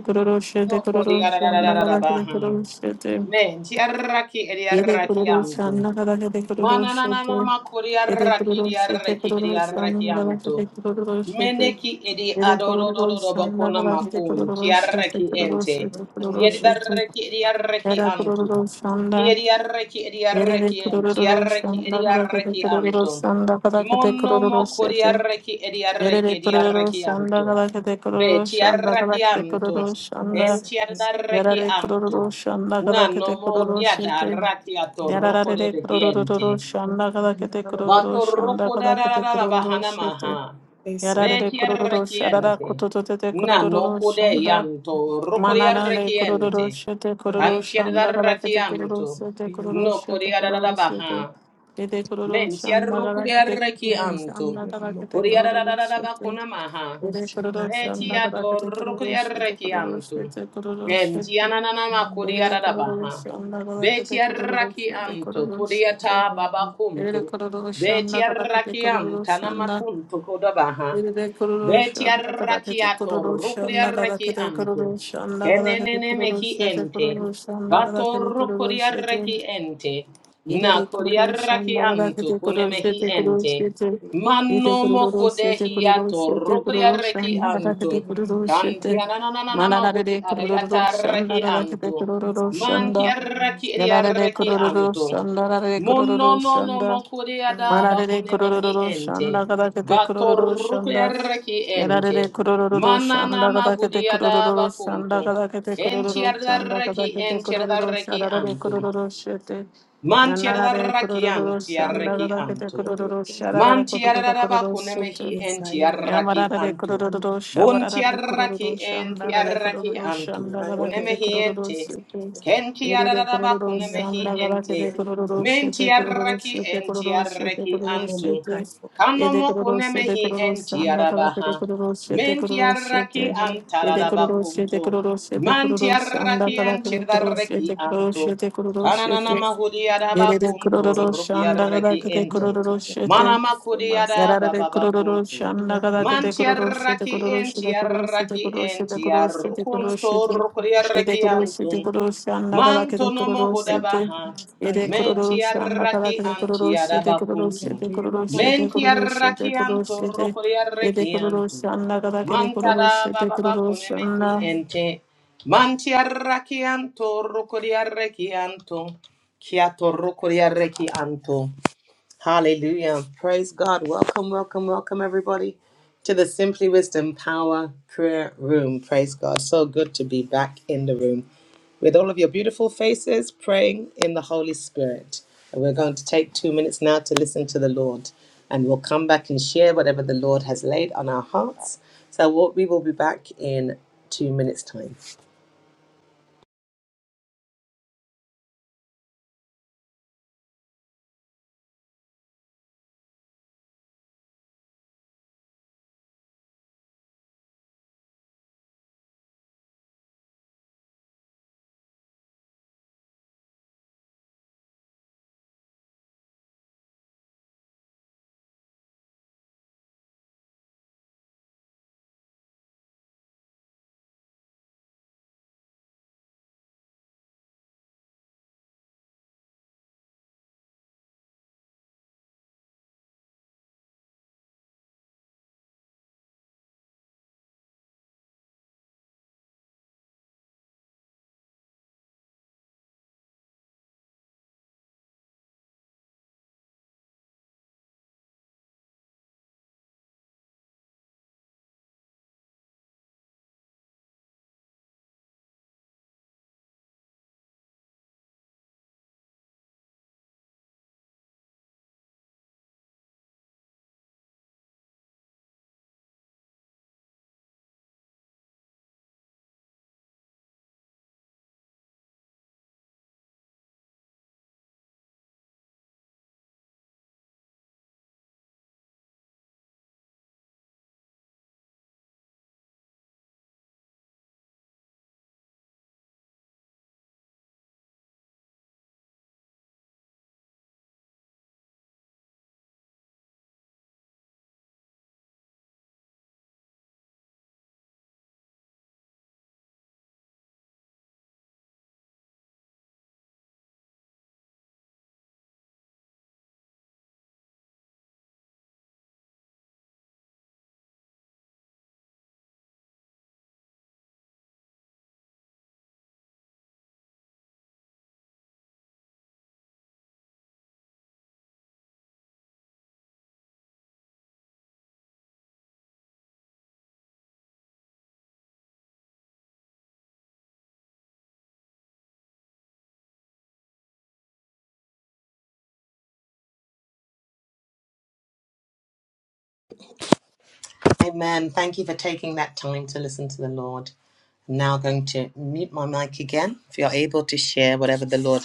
No kororoshete kororoshanda dadakite kodiarabaha. kororoshete Men tiarraki Yedek ediarrakianto. kuruluşlarına kadar yedek kuruluş Mananana yedi. makuri Yedek arraki edi kuruluş, yedek arraki edi arraki kuruluşlarına kadar anto. yedek kuruluş yedi. Meneki edi Yedek adodododo kuruluşlarına bakuna kadar yedek makum ki kuruluş, yedek arraki kuruluş, ente. yedek Yedi kuruluş yedi. arraki edi arraki Yedek anto. Ki kuruluşlarına, edi arraki edi arraki yedek enti arraki edi kuruluşlarına kadar yedek arraki anto. kuruluşlarına kadar yedek Mono kuruluş mokuri yedi. arraki edi arraki Yedek edi arraki kuruluşlarına anto. kadar yedek Be ti kuruluşlarına kadar arraki yedek anto. kuruluşlarına Enti arraki Yarare anto. kuruluşlarına kadar Nano yedek motia kuruluş da yedi. rakia to roko de Yararare kurururu vehiente. shanda Sayang, kada kete kurururu Vato shanda roko kada da da da kete da da kurururu bahana shete. maha. Yararare Vetia kurururu sharara rekiente. kutututete Nano kurururu kude shanda. yanto roko de Manarare kurururu rekiente. shete kururu Antia da shanda kada kete kururu rakianto. shete kururu No kude shete da da kururu da shete. baha. Kete kururu shanda Ventiarru kada kete curiarreki kururu antu. shanda kada kete kururu shete. Curiarararabacuna maha. Yere kururu shanda kada kete Vetiadorru kururu shete curiarreki kururu antu. shete kururu shete. Ventiananama Yere curiarabaha. kororoşi anda galakete Vetiarraki kororoşi de antu. kororoşi de. Curiata Yere babacuntu. kororoşi anda kadar galakete Vetiarraki kororoşi anda. antanamacuntu codabaha. ele de kororoşi Beti anda kadar galakete arrakiato, kororoşi rukri anda arraki galakete anto. kororoşi anda galakete Kenenene mehi kororoşi de ente. kororoşi anda kadar Bato galakete rukri kororoşi de. arraki ente. Na Yedede kuri kururu arraki şandala anto, kete kune kururu mehi şete kururu ente. şete. Yede Manno kururu moko şete kururu dehiato, şete rukri kururu arraki şandala kete anto. kururu Kanti şete. anananana Manana mahudi dede kururu arayata arraki şandala kete anto. kururu Manti şanda. arraki eri Yanara de arraki kururu anto. şandala de Mono kururu no no şanda. mokuri Manana adaba dede kune mehi kururu ente. şandala kete kururu Batorruku şanda. yarraki ente. Yararere kurururu şanda Manana kada kete mahudi kurururu yadaba şanda kuntu. kada kete Enti kurururu şanda kada yarraki kete enti kurururu yarraki şararare antu. kurururu şete Manti yanarare yarraki kurururu anti şanda yarraki kada kete antu. kurururu şararare Man kurururu tiararaba kurururu şete kunemehi en tiarraki Yamarare k u r anto. u r u Bun shabarare k u r u r u tiarraki en shandarare k u r u tiarraki r u anto. shandagara kete k u Kunemehi r u r u ente. sete. Ken Yerere k u r u r tiararaba u kunemehi shandagara kete ente. k u r u r u Men sete k u r u r u tiarraki sete k en u r u r u sete k u tiarraki r u r u anto. sete. Yede k Kanomo u r u r u sete k u r kunemehi u r u en shandagara kete k tiarabaha. u r u r u sete k Men u r u r u tiarraki sete. Yede k u r u antararaba r u sete k u kunto. r u r u sete k u r Man u r u tiarraki shandagara en kete k u r u r u sete tiarraki k u r u r u anto. sete k u r u r u Kananana sete. mahudi araba Yerere k u r u kunto r u shandagara rukriarraki kete k u ente. r u r u sete. Manama kudiada Yarare bababa kororo kuntu. shanda kada kete kororo shete Mantiarraki kororo shete kororo shete entiarraki kororo shete kororo shete kororo shete entiarrukuntur yede kuriarraki kororo shete antum. kororo shanda kada kete Mantonomo kororo shete hudabaha. yede kororo shanda kada Mentiarraki kete kororo antiada shete kororo bakuntu. shete kororo shete kororo shete Mentiarraki kororo anturru shete yede kuriarraki kororo antum. shanda kada kete kororo Mantada shete bababa kororo kunemehi shanda ente. Mantiarraki anturru kuriarraki antum. Kiatorru kuriarraki antum. Hallelujah. Praise God. Welcome, welcome, welcome, everybody, to the Simply Wisdom Power Prayer Room. Praise God. So good to be back in the room with all of your beautiful faces praying in the Holy Spirit. And we're going to take two minutes now to listen to the Lord. And we'll come back and share whatever the Lord has laid on our hearts. So we'll- we will be back in two minutes' time. Amen. Thank you for taking that time to listen to the Lord. I'm Now going to mute my mic again. If you're able to share whatever the Lord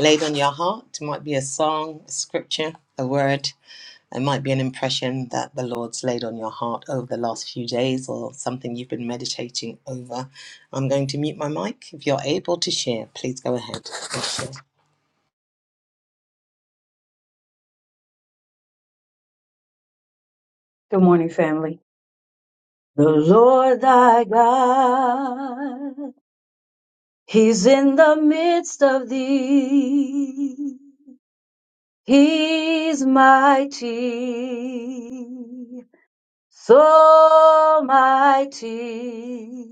laid on your heart, it might be a song, a scripture, a word, it might be an impression that the Lord's laid on your heart over the last few days or something you've been meditating over. I'm going to mute my mic. If you're able to share, please go ahead and share. morning, family. The Lord thy God, He's in the midst of thee. He's mighty, so mighty.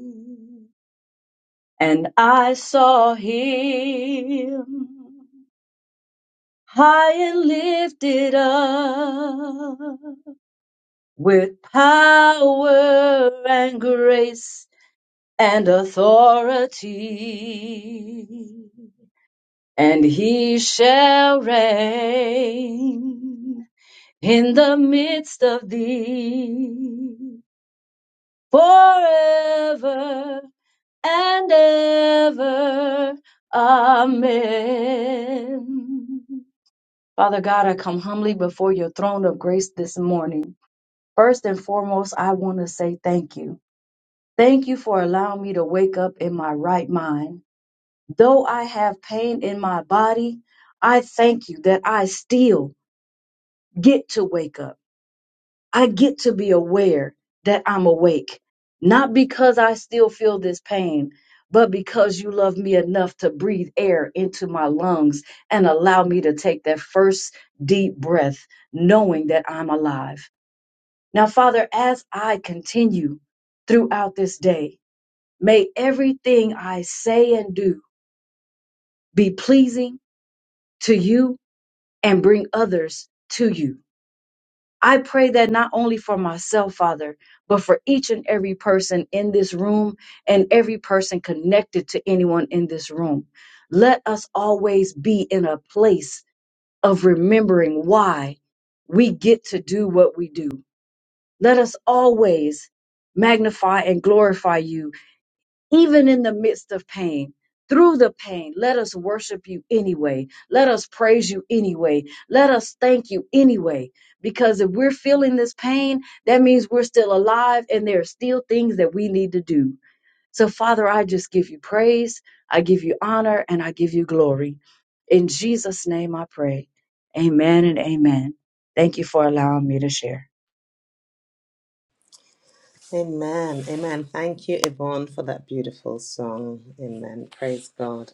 And I saw Him high and lifted up with power and grace and authority. And he shall reign in the midst of thee forever and ever. Amen. Father God, I come humbly before your throne of grace this morning. First and foremost, I want to say thank you. Thank you for allowing me to wake up in my right mind. Though I have pain in my body, I thank you that I still get to wake up. I get to be aware that I'm awake, not because I still feel this pain, but because you love me enough to breathe air into my lungs and allow me to take that first deep breath, knowing that I'm alive. Now, Father, as I continue throughout this day, may everything I say and do be pleasing to you and bring others to you. I pray that not only for myself, Father, but for each and every person in this room and every person connected to anyone in this room. Let us always be in a place of remembering why we get to do what we do. Let us always magnify and glorify you even in the midst of pain, through the pain, let us worship you anyway. Let us praise you anyway. Let us thank you anyway. Because if we're feeling this pain, that means we're still alive and there are still things that we need to do. So, Father, I just give you praise, I give you honor, and I give you glory. In Jesus' name I pray. Amen and amen. Thank you for allowing me to share. Amen. Amen. Thank you, Yvonne, for that beautiful song. Amen. Praise God.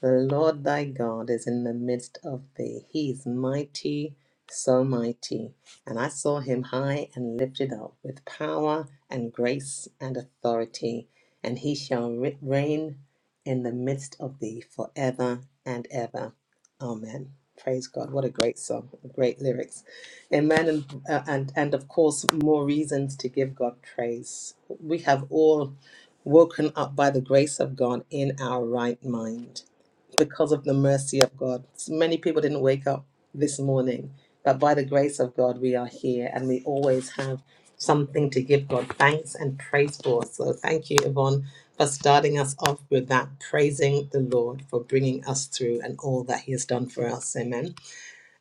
The Lord thy God is in the midst of thee. He is mighty, so mighty. And I saw him high and lifted up with power and grace and authority. And he shall re- reign in the midst of thee forever and ever. Amen. Praise God. What a great song. Great lyrics. Amen. And, uh, and, and of course, more reasons to give God praise. We have all woken up by the grace of God in our right mind because of the mercy of God. So many people didn't wake up this morning, but by the grace of God, we are here and we always have something to give God thanks and praise for. So thank you, Yvonne, for starting us off with that, praising the Lord for bringing us through and all that He has done for us. Amen.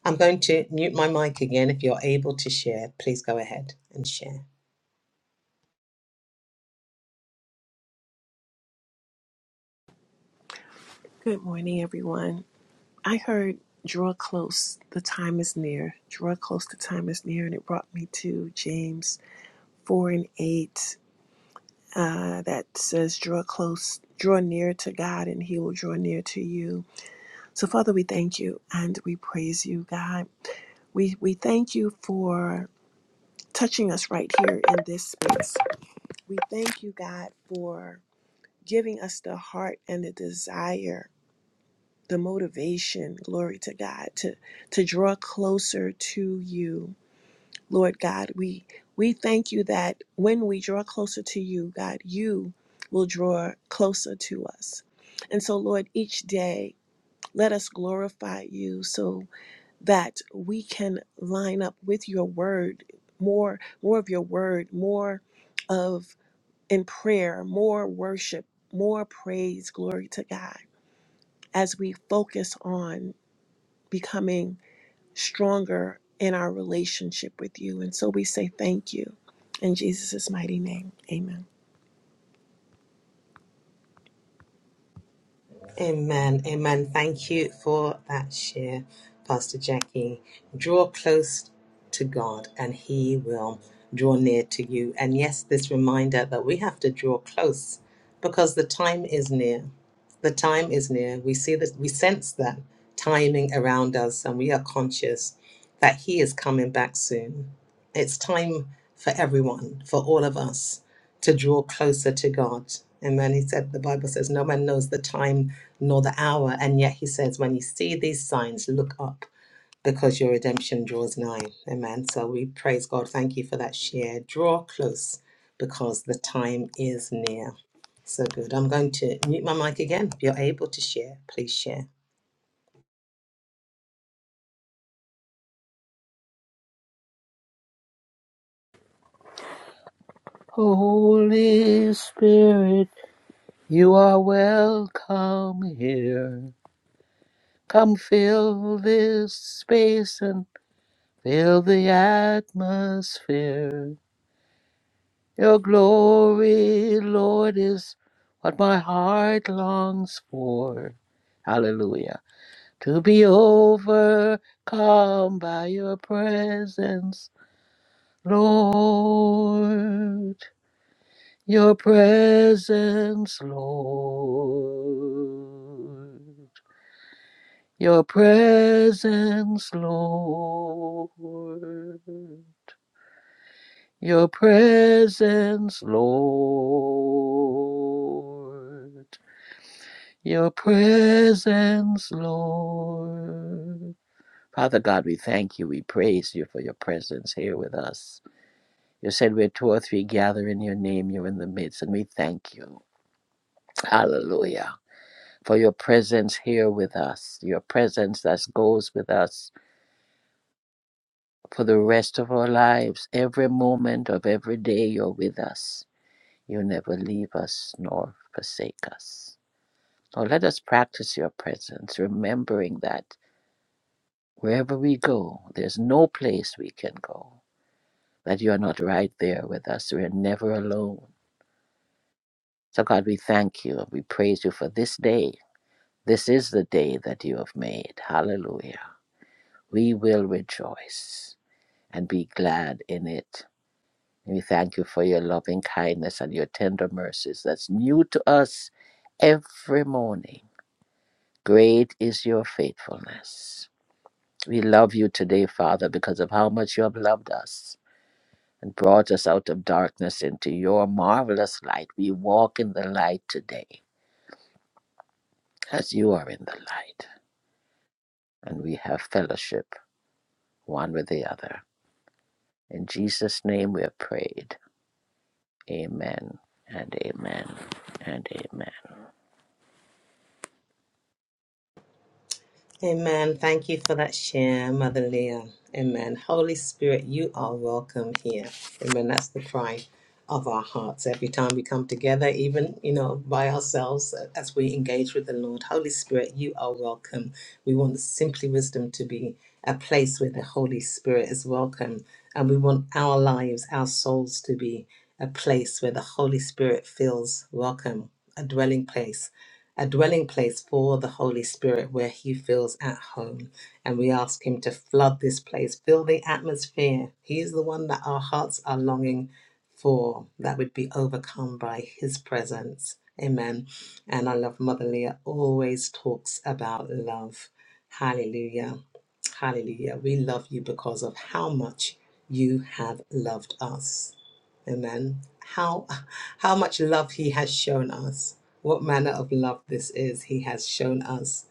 I'm going to mute my mic again. If you're able to share, please go ahead and share. Good morning, everyone. I heard draw close, the time is near. Draw close, the time is near. And it brought me to James 4 and 8 uh, that says, draw close, draw near to God, and he will draw near to you. So, Father, we thank you and we praise you, God. We, we thank you for touching us right here in this space. We thank you, God, for giving us the heart and the desire the motivation, glory to God, to to draw closer to you. Lord God, we we thank you that when we draw closer to you, God, you will draw closer to us. And so Lord, each day let us glorify you so that we can line up with your word, more more of your word, more of in prayer, more worship, more praise, glory to God as we focus on becoming stronger in our relationship with you. And so we say thank you in Jesus' mighty name. Amen. Amen. Amen. Thank you for that share, Pastor Jackie. Draw close to God and He will draw near to you. And yes, this reminder that we have to draw close because the time is near. The time is near. We see that we sense that timing around us and we are conscious that He is coming back soon. It's time for everyone, for all of us, to draw closer to God. Amen. He said, the Bible says, no man knows the time nor the hour. And yet he says, when you see these signs, look up because your redemption draws nigh. Amen. So we praise God. Thank you for that share. Draw close because the time is near. So good. I'm going to mute my mic again. If you're able to share, please share. Holy Spirit, you are welcome here. Come fill this space and fill the atmosphere. Your glory, Lord, is what my heart longs for. Hallelujah. To be overcome by your presence, Lord. Your presence, Lord. Your presence, Lord. Your presence, Lord. Your presence, Lord. Father God, we thank you. We praise you for your presence here with us. You said where two or three gather in your name, you're in the midst, and we thank you. Hallelujah. for your presence here with us, your presence that goes with us for the rest of our lives. Every moment of every day, you're with us. You never leave us nor forsake us. Lord, let us practice your presence, remembering that wherever we go, there's no place we can go, that you're not right there with us. We're never alone. So, God, we thank you and we praise you for this day. This is the day that you have made. Hallelujah. We will rejoice and be glad in it. We thank you for your loving kindness and your tender mercies that's new to us every morning. Great is your faithfulness. We love you today, Father, because of how much you have loved us and brought us out of darkness into your marvelous light. We walk in the light today as you are in the light, and we have fellowship one with the other. In Jesus' name we have prayed. Amen and amen and amen. Amen. Thank you for that share, Mother Leah. Amen. Holy Spirit, you are welcome here. Amen. That's the cry of our hearts every time we come together, even, you know, by ourselves uh, as we engage with the Lord. Holy Spirit, you are welcome. We want simply wisdom to be a place where the Holy Spirit is welcome. And we want our lives, our souls to be a place where the Holy Spirit feels welcome, a dwelling place a dwelling place for the Holy Spirit where He feels at home. And we ask Him to flood this place, fill the atmosphere. He is the one that our hearts are longing for, that would be overcome by His presence. Amen. And I love Mother Leah always talks about love. Hallelujah. Hallelujah. We love you because of how much you have loved us. Amen. How how much love he has shown us. What manner of love this is he has shown us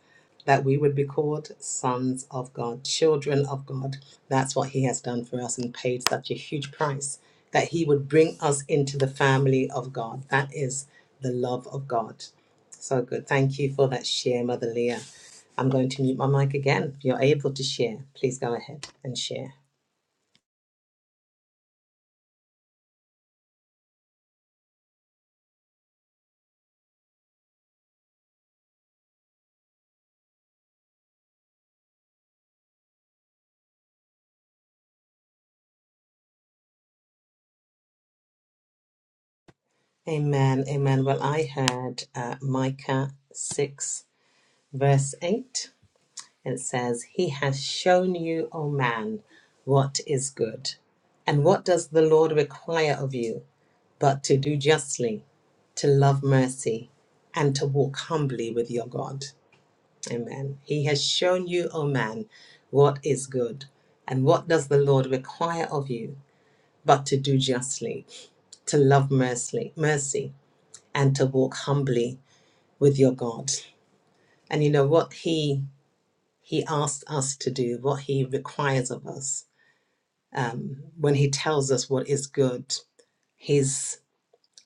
that we would be called sons of God, children of God. That's what he has done for us and paid such a huge price that he would bring us into the family of God. That is the love of God. So good. Thank you for that share, Mother Leah. I'm going to mute my mic again. If you're able to share, please go ahead and share. Amen. Amen. Well, I heard uh, Micah 6, verse 8. It says, He has shown you, O man, what is good. And what does the Lord require of you but to do justly, to love mercy, and to walk humbly with your God? Amen. He has shown you, O man, what is good. And what does the Lord require of you but to do justly, to love mercy, mercy and to walk humbly with your God. And you know what he he asks us to do, what he requires of us. Um, when he tells us what is good, he's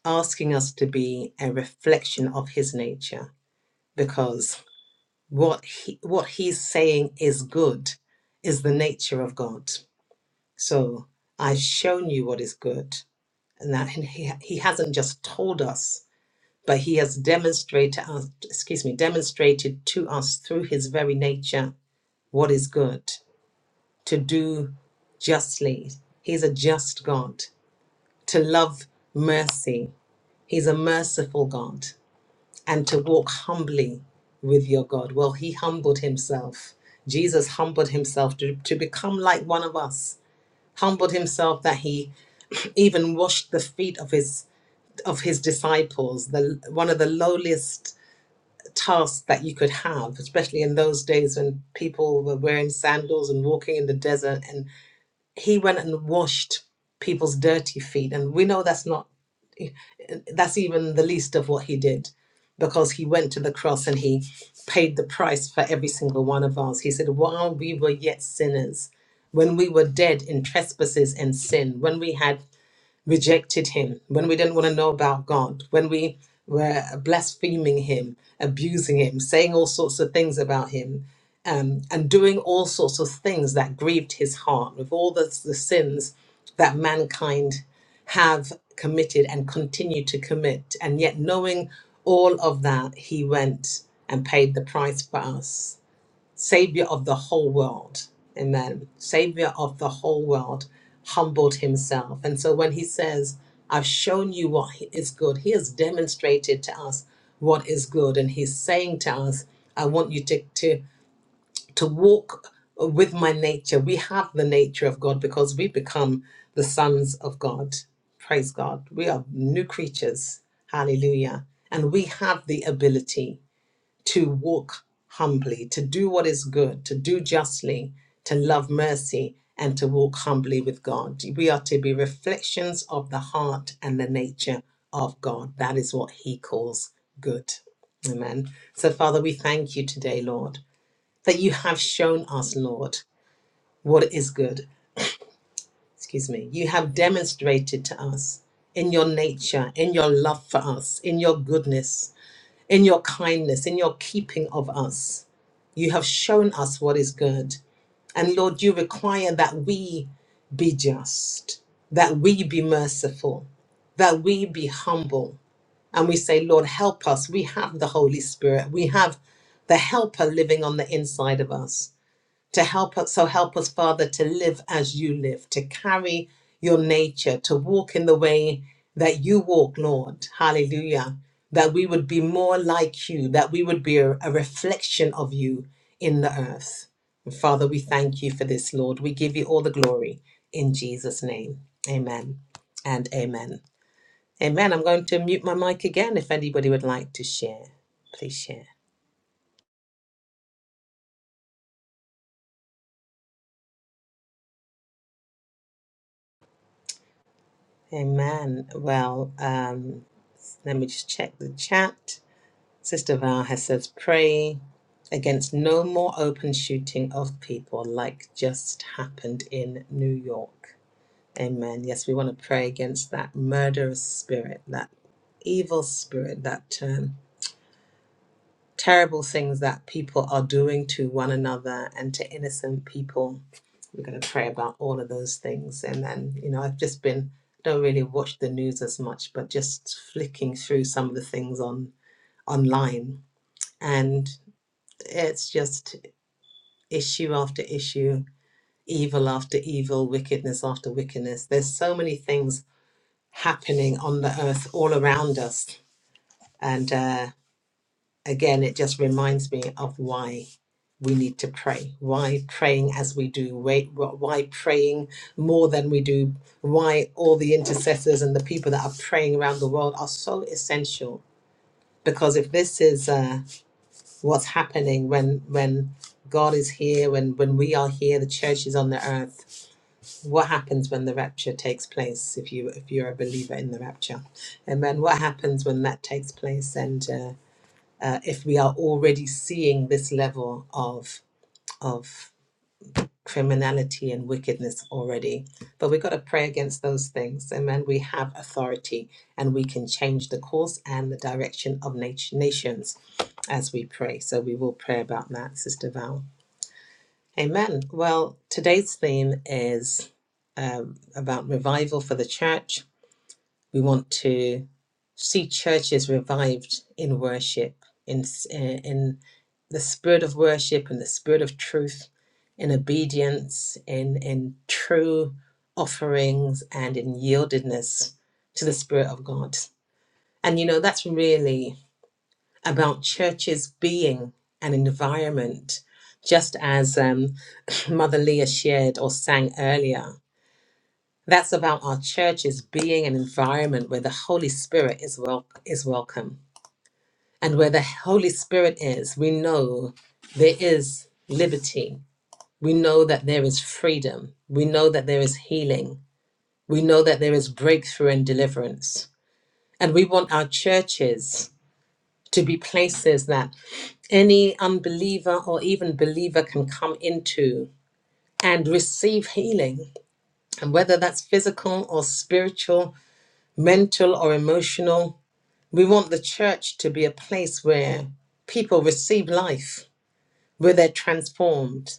asking us to be a reflection of his nature, because what he what he's saying is good is the nature of God. So I've shown you what is good, and that he, he hasn't just told us but he has demonstrated us, excuse me, demonstrated to us through his very nature what is good, to do justly. He's a just God, to love mercy. He's a merciful God, and to walk humbly with your God. Well, he humbled himself. Jesus humbled himself to, to become like one of us, humbled himself that he even washed the feet of his of his disciples, the one of the lowliest task that you could have, especially in those days when people were wearing sandals and walking in the desert. And he went and washed people's dirty feet. And we know that's not, that's even the least of what he did because he went to the cross and he paid the price for every single one of us. He said, while we were yet sinners, when we were dead in trespasses and sin, when we had rejected him, when we didn't want to know about God, when we were blaspheming him, abusing him, saying all sorts of things about him, um, and doing all sorts of things that grieved his heart with all the, the sins that mankind have committed and continue to commit. And yet, knowing all of that, he went and paid the price for us Savior of the whole world. Amen. Savior of the whole world humbled himself. And so when he says, I've shown you what is good, he has demonstrated to us what is good. And he's saying to us, I want you to, to, to walk with my nature. We have the nature of God because we become the sons of God. Praise God. We are new creatures. Hallelujah. And we have the ability to walk humbly, to do what is good, to do justly, to love mercy, and to walk humbly with God. We are to be reflections of the heart and the nature of God. That is what He calls good. Amen. So, Father, we thank you today, Lord, that you have shown us, Lord, what is good. Excuse me. You have demonstrated to us in your nature, in your love for us, in your goodness in your kindness, in your keeping of us. You have shown us what is good. And Lord, you require that we be just, that we be merciful, that we be humble. And we say, Lord, help us. We have the Holy Spirit, we have the Helper living on the inside of us to help us so help us father to live as you live to carry your nature to walk in the way that you walk lord hallelujah that we would be more like you that we would be a, a reflection of you in the earth and father we thank you for this lord we give you all the glory in jesus name amen and amen amen i'm going to mute my mic again if anybody would like to share please share amen well um Let me just check the chat. Sister Val has says, pray against no more open shooting of people like just happened in New York. Amen. Yes, we want to pray against that murderous spirit, that evil spirit, that um, terrible things that people are doing to one another and to innocent people. We're going to pray about all of those things. And then, you know, I've just been, don't really watch the news as much, but just flicking through some of the things on online. And it's just issue after issue, evil after evil, wickedness after wickedness. There's so many things happening on the earth all around us. And uh, again, it just reminds me of why we need to pray. Why praying as we do? Why why praying more than we do? Why all the intercessors and the people that are praying around the world are so essential? Because if this is uh, what's happening when when God is here, when when we are here, the church is on the earth. What happens when the rapture takes place? If you if you're a believer in the rapture, and then what happens when that takes place? And uh, uh, if we are already seeing this level of of criminality and wickedness already. But we've got to pray against those things. Amen. We have authority and we can change the course and the direction of nat- nations as we pray. So we will pray about that, Sister Val. Amen. Well, today's theme is um, about revival for the church. We want to see churches revived in worship, in, in the spirit of worship and the spirit of truth in obedience in in true offerings and in yieldedness to the spirit of god and you know that's really about churches being an environment just as um, mother leah shared or sang earlier that's about our churches being an environment where the holy spirit is wel- is welcome and where the holy spirit is we know there is liberty We know that there is freedom. We know that there is healing. We know that there is breakthrough and deliverance. And we want our churches to be places that any unbeliever or even believer can come into and receive healing. And whether that's physical or spiritual, mental or emotional, we want the church to be a place where people receive life, where they're transformed,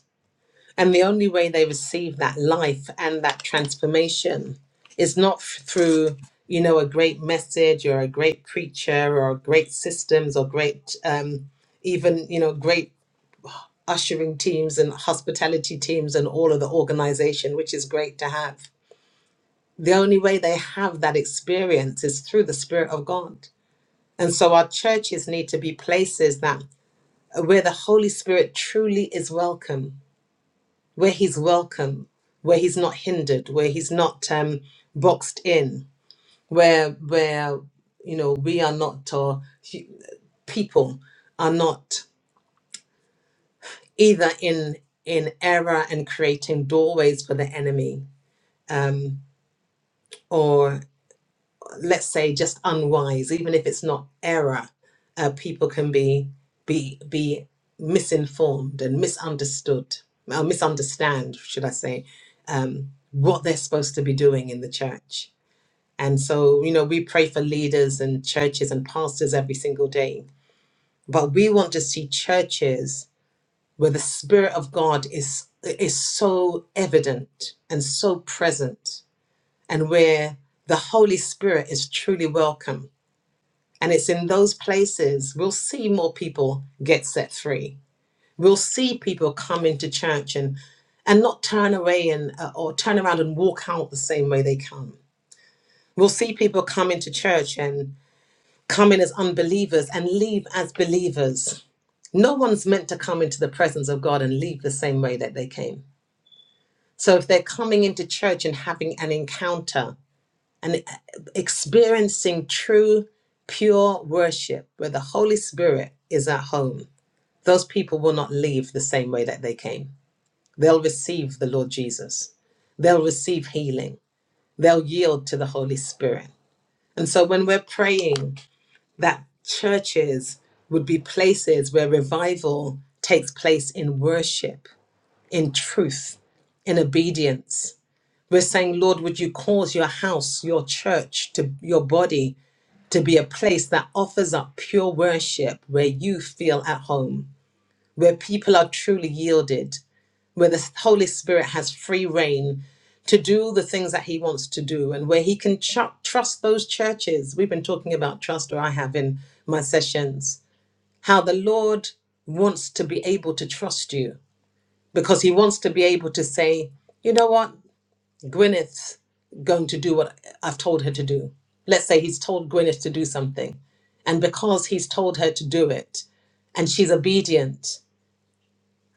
And the only way they receive that life and that transformation is not f- through, you know, a great message or a great preacher or great systems or great, um, even, you know, great ushering teams and hospitality teams and all of the organization, which is great to have. The only way they have that experience is through the Spirit of God. And so our churches need to be places that where the Holy Spirit truly is welcome where he's welcome, where he's not hindered, where he's not um, boxed in, where where you know we are not or hu- people are not either in in error and creating doorways for the enemy um, or let's say just unwise even if it's not error uh, people can be be be misinformed and misunderstood or misunderstand should i say um, what they're supposed to be doing in the church and so you know we pray for leaders and churches and pastors every single day but we want to see churches where the spirit of god is is so evident and so present and where the holy spirit is truly welcomed and it's in those places we'll see more people get set free. We'll see people come into church and and not turn away and uh, or turn around and walk out the same way they come. We'll see people come into church and come in as unbelievers and leave as believers. No one's meant to come into the presence of God and leave the same way that they came. So if they're coming into church and having an encounter and uh, experiencing true, pure worship where the Holy Spirit is at home, those people will not leave the same way that they came. They'll receive the Lord Jesus, they'll receive healing, they'll yield to the Holy Spirit. And so when we're praying that churches would be places where revival takes place in worship, in truth, in obedience. We're saying, Lord, would you cause your house, your church, to your body to be a place that offers up pure worship where you feel at home, where people are truly yielded, where the Holy Spirit has free reign to do the things that He wants to do, and where He can ch- trust those churches. We've been talking about trust, or I have in my sessions, how the Lord wants to be able to trust you because He wants to be able to say, you know what? Gwyneth's going to do what I've told her to do. Let's say he's told Gwyneth to do something. And because he's told her to do it and she's obedient,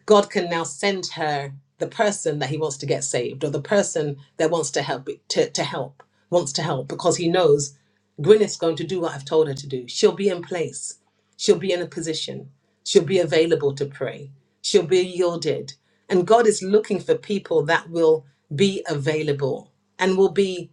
God can now send her the person that he wants to get saved or the person that wants to help to, to help wants to help because he knows Gwyneth's going to do what I've told her to do. She'll be in place. She'll be in a position. She'll be available to pray. She'll be yielded. And God is looking for people that will be available and will be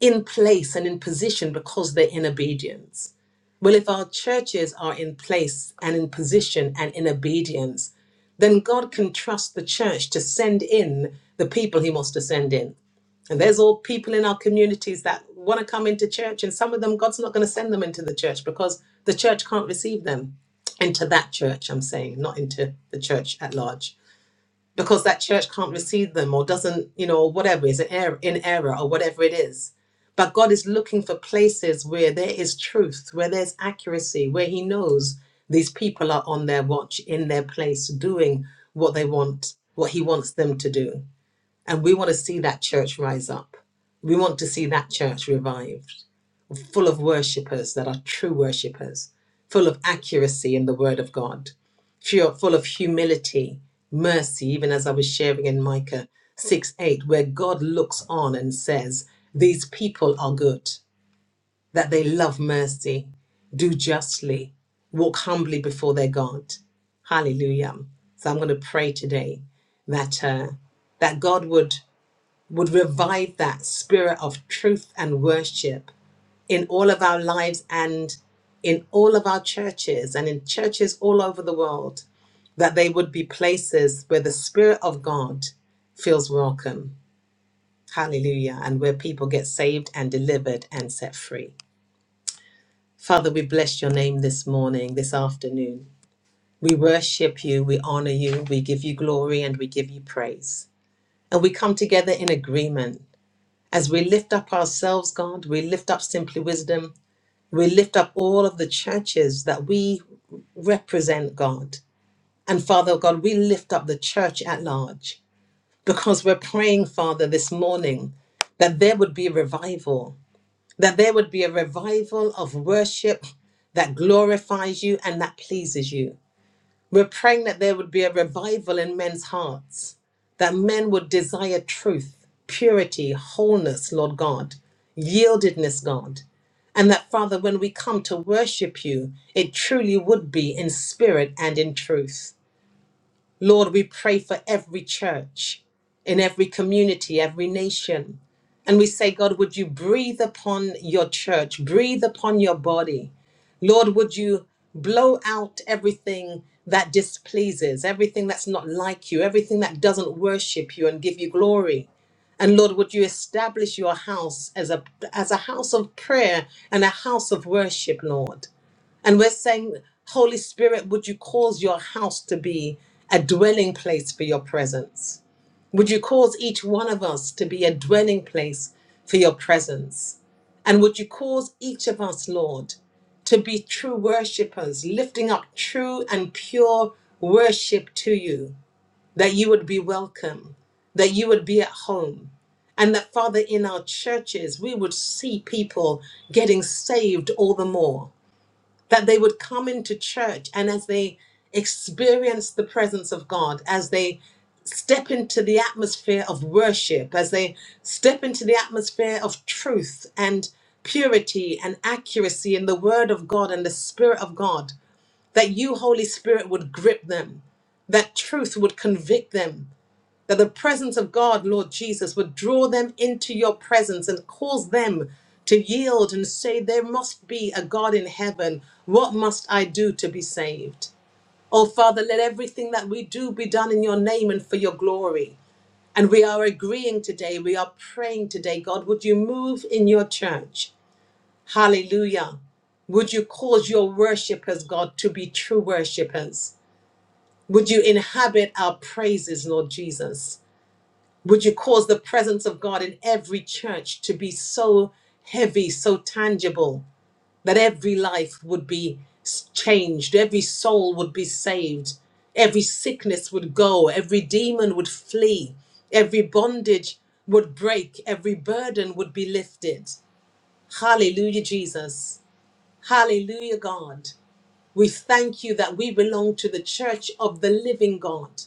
in place and in position because they're in obedience. Well, if our churches are in place and in position and in obedience, then God can trust the church to send in the people he wants to send in. And there's all people in our communities that want to come into church, and some of them, God's not going to send them into the church because the church can't receive them into that church, I'm saying, not into the church at large because that church can't receive them or doesn't, you know, or whatever is an error, in error or whatever it is. But God is looking for places where there is truth, where there's accuracy, where He knows these people are on their watch, in their place, doing what they want, what He wants them to do. And we want to see that church rise up. We want to see that church revived full of worshippers that are true worshippers, full of accuracy in the word of God, fu- full of humility, mercy, even as I was sharing in Micah 6 8, where God looks on and says, These people are good, that they love mercy, do justly, walk humbly before their God. Hallelujah. So I'm going to pray today that uh, that God would would revive that spirit of truth and worship in all of our lives and in all of our churches and in churches all over the world, that they would be places where the Spirit of God feels welcome. Hallelujah. And where people get saved and delivered and set free. Father, we bless your name this morning, this afternoon. We worship you, we honor you, we give you glory, and we give you praise. And we come together in agreement. As we lift up ourselves, God, we lift up simply wisdom We lift up all of the churches that we represent, God. And Father God, we lift up the church at large because we're praying, Father, this morning that there would be revival, that there would be a revival of worship that glorifies you and that pleases you. We're praying that there would be a revival in men's hearts, that men would desire truth, purity, wholeness, Lord God, yieldedness, God. And that, Father, when we come to worship you, it truly would be in spirit and in truth. Lord, we pray for every church, in every community, every nation. And we say, God, would you breathe upon your church, breathe upon your body? Lord, would you blow out everything that displeases, everything that's not like you, everything that doesn't worship you and give you glory? And Lord, would you establish your house as a, as a house of prayer and a house of worship, Lord? And we're saying, Holy Spirit, would you cause your house to be a dwelling place for your presence? Would you cause each one of us to be a dwelling place for your presence? And would you cause each of us, Lord, to be true worshipers, lifting up true and pure worship to you, that you would be welcome, that you would be at home, and that, Father, in our churches, we would see people getting saved all the more that they would come into church and as they experience the presence of God, as they step into the atmosphere of worship, as they step into the atmosphere of truth and purity and accuracy in the Word of God and the Spirit of God, that you, Holy Spirit, would grip them, that truth would convict them, that the presence of God, Lord Jesus, would draw them into your presence and cause them to yield and say, There must be a God in heaven. What must I do to be saved? Oh, Father, let everything that we do be done in your name and for your glory. And we are agreeing today, we are praying today, God, would you move in your church? Hallelujah. Would you cause your worshippers, God, to be true worshippers? Would you inhabit our praises, Lord Jesus? Would you cause the presence of God in every church to be so heavy, so tangible, that every life would be s- changed, every soul would be saved, every sickness would go, every demon would flee, every bondage would break, every burden would be lifted? Hallelujah, Jesus. Hallelujah, God. We thank you that we belong to the church of the living God,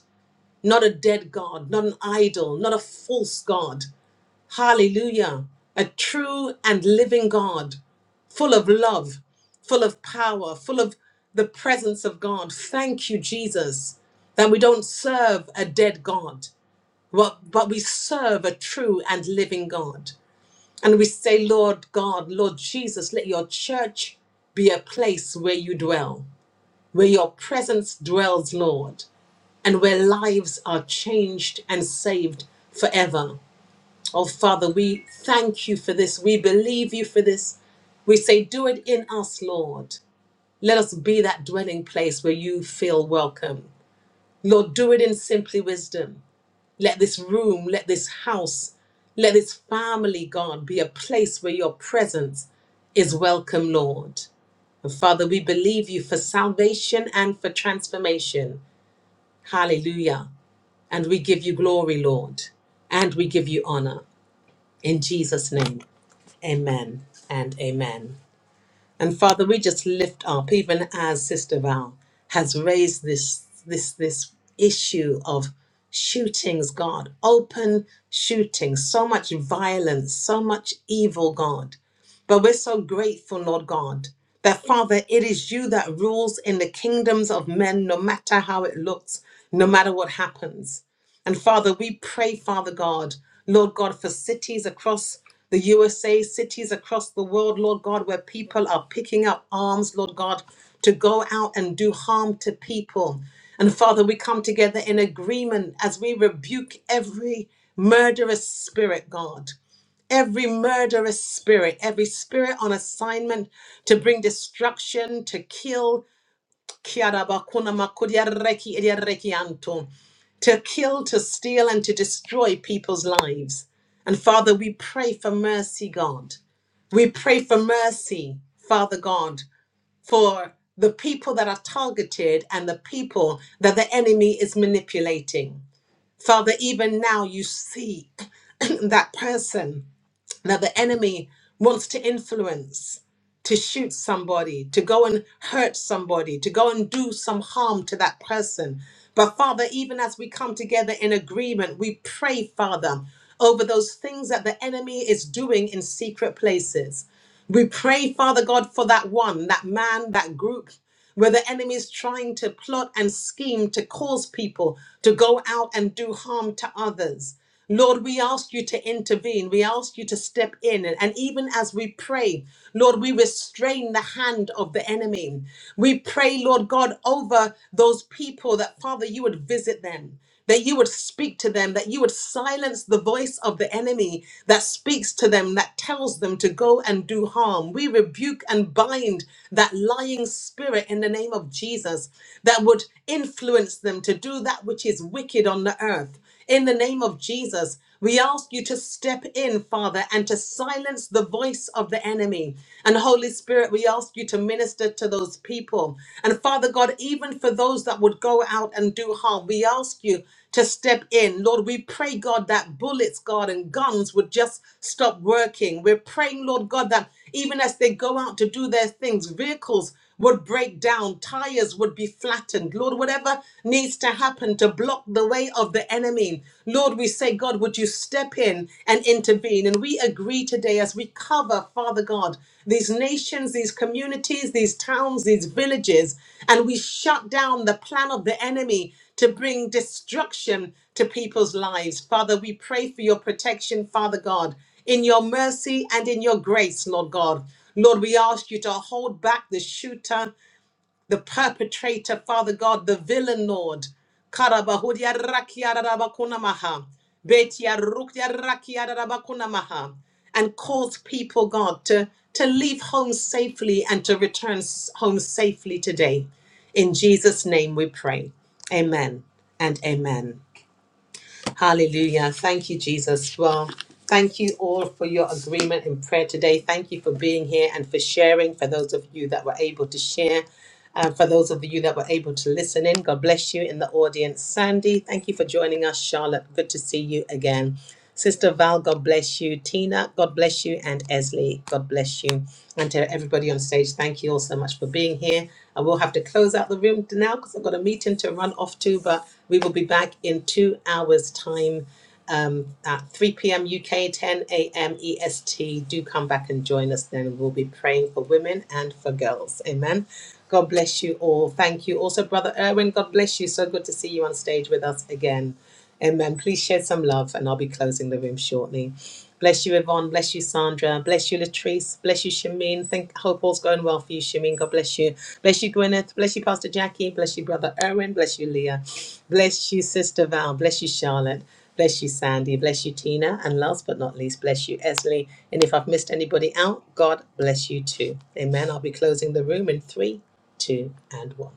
not a dead God, not an idol, not a false God, Hallelujah. A true and living God, full of love, full of power, full of the presence of God. Thank you, Jesus, that we don't serve a dead God, but, but we serve a true and living God. And we say, Lord God, Lord Jesus, let your church be a place where you dwell, where your presence dwells, Lord, and where lives are changed and saved forever. Oh, Father, we thank you for this. We believe you for this. We say, Do it in us, Lord. Let us be that dwelling place where you feel welcome. Lord, do it in simply wisdom. Let this room, let this house, let this family, God, be a place where your presence is welcome, Lord. And Father, we believe you for salvation and for transformation. Hallelujah. And we give you glory, Lord. And we give you honor. In Jesus' name. Amen and amen. And Father, we just lift up, even as Sister Val has raised this this this issue of shootings, God, open shootings, so much violence, so much evil, God. But we're so grateful, Lord God, that Father, it is you that rules in the kingdoms of men, no matter how it looks, no matter what happens. And Father, we pray, Father God, Lord God, for cities across the USA, cities across the world, Lord God, where people are picking up arms, Lord God, to go out and do harm to people. And Father, we come together in agreement as we rebuke every murderous spirit, God. Every murderous spirit, every spirit on assignment to bring destruction, to kill, Kiarabakuna makudia reki iriarekianto. To kill, to steal, and to destroy people's lives. And Father, we pray for mercy, God. We pray for mercy, Father God, for the people that are targeted and the people that the enemy is manipulating. Father, even now you see that person that the enemy wants to influence, to shoot somebody, to go and hurt somebody, to go and do some harm to that person. But Father, even as we come together in agreement, we pray, Father, over those things that the enemy is doing in secret places. We pray, Father God, for that one, that man, that group where the enemy is trying to plot and scheme to cause people to go out and do harm to others. Lord, we ask you to intervene. We ask you to step in. And, and even as we pray, Lord, we restrain the hand of the enemy. We pray, Lord God, over those people that, Father, you would visit them that you would speak to them, that you would silence the voice of the enemy that speaks to them, that tells them to go and do harm. We rebuke and bind that lying spirit in the name of Jesus that would influence them to do that which is wicked on the earth. In the name of Jesus, we ask you to step in, Father, and to silence the voice of the enemy. And Holy Spirit, we ask you to minister to those people. And Father God, even for those that would go out and do harm, we ask you to step in. Lord, we pray, God, that bullets, God, and guns would just stop working. We're praying, Lord God, that even as they go out to do their things, vehicles would break down, tires would be flattened. Lord, whatever needs to happen to block the way of the enemy, Lord, we say, God, would you step in and intervene? And we agree today as we cover, Father God, these nations, these communities, these towns, these villages, and we shut down the plan of the enemy to bring destruction to people's lives. Father, we pray for your protection, Father God in your mercy and in your grace, Lord God. Lord, we ask you to hold back the shooter, the perpetrator, Father God, the villain, Lord. Karabahudia rakia rarabakunamaha. Betia rukia rakia rarabakunamaha. And cause people, God, to, to leave home safely and to return s- home safely today. In Jesus' name we pray. Amen and amen. Hallelujah. Thank you, Jesus. Well, thank you all for your agreement in prayer today. Thank you for being here and for sharing for those of you that were able to share. Uh, for those of you that were able to listen in, God bless you in the audience. Sandy, thank you for joining us. Charlotte, good to see you again. Sister Val, God bless you. Tina, God bless you. And Esley, God bless you. And to everybody on stage, thank you all so much for being here. I will have to close out the room now because I've got a meeting to run off to, but we will be back in two hours' time um, at 3 p.m. UK, 10 a.m. EST. Do come back and join us then. We'll be praying for women and for girls. Amen. God bless you all. Thank you. Also, Brother Erwin, God bless you. So good to see you on stage with us again. Amen. Please share some love, and I'll be closing the room shortly. Bless you, Yvonne. Bless you, Sandra. Bless you, Latrice. Bless you, Shamin. Think hope all's going well for you, Shamin. God bless you. Bless you, Gwyneth. Bless you, Pastor Jackie. Bless you, Brother Erwin. Bless you, Leah. Bless you, Sister Val. Bless you, Charlotte. Bless you, Sandy. Bless you, Tina. And last but not least, bless you, Esley. And if I've missed anybody out, God bless you too. Amen. I'll be closing the room in three, two, and one.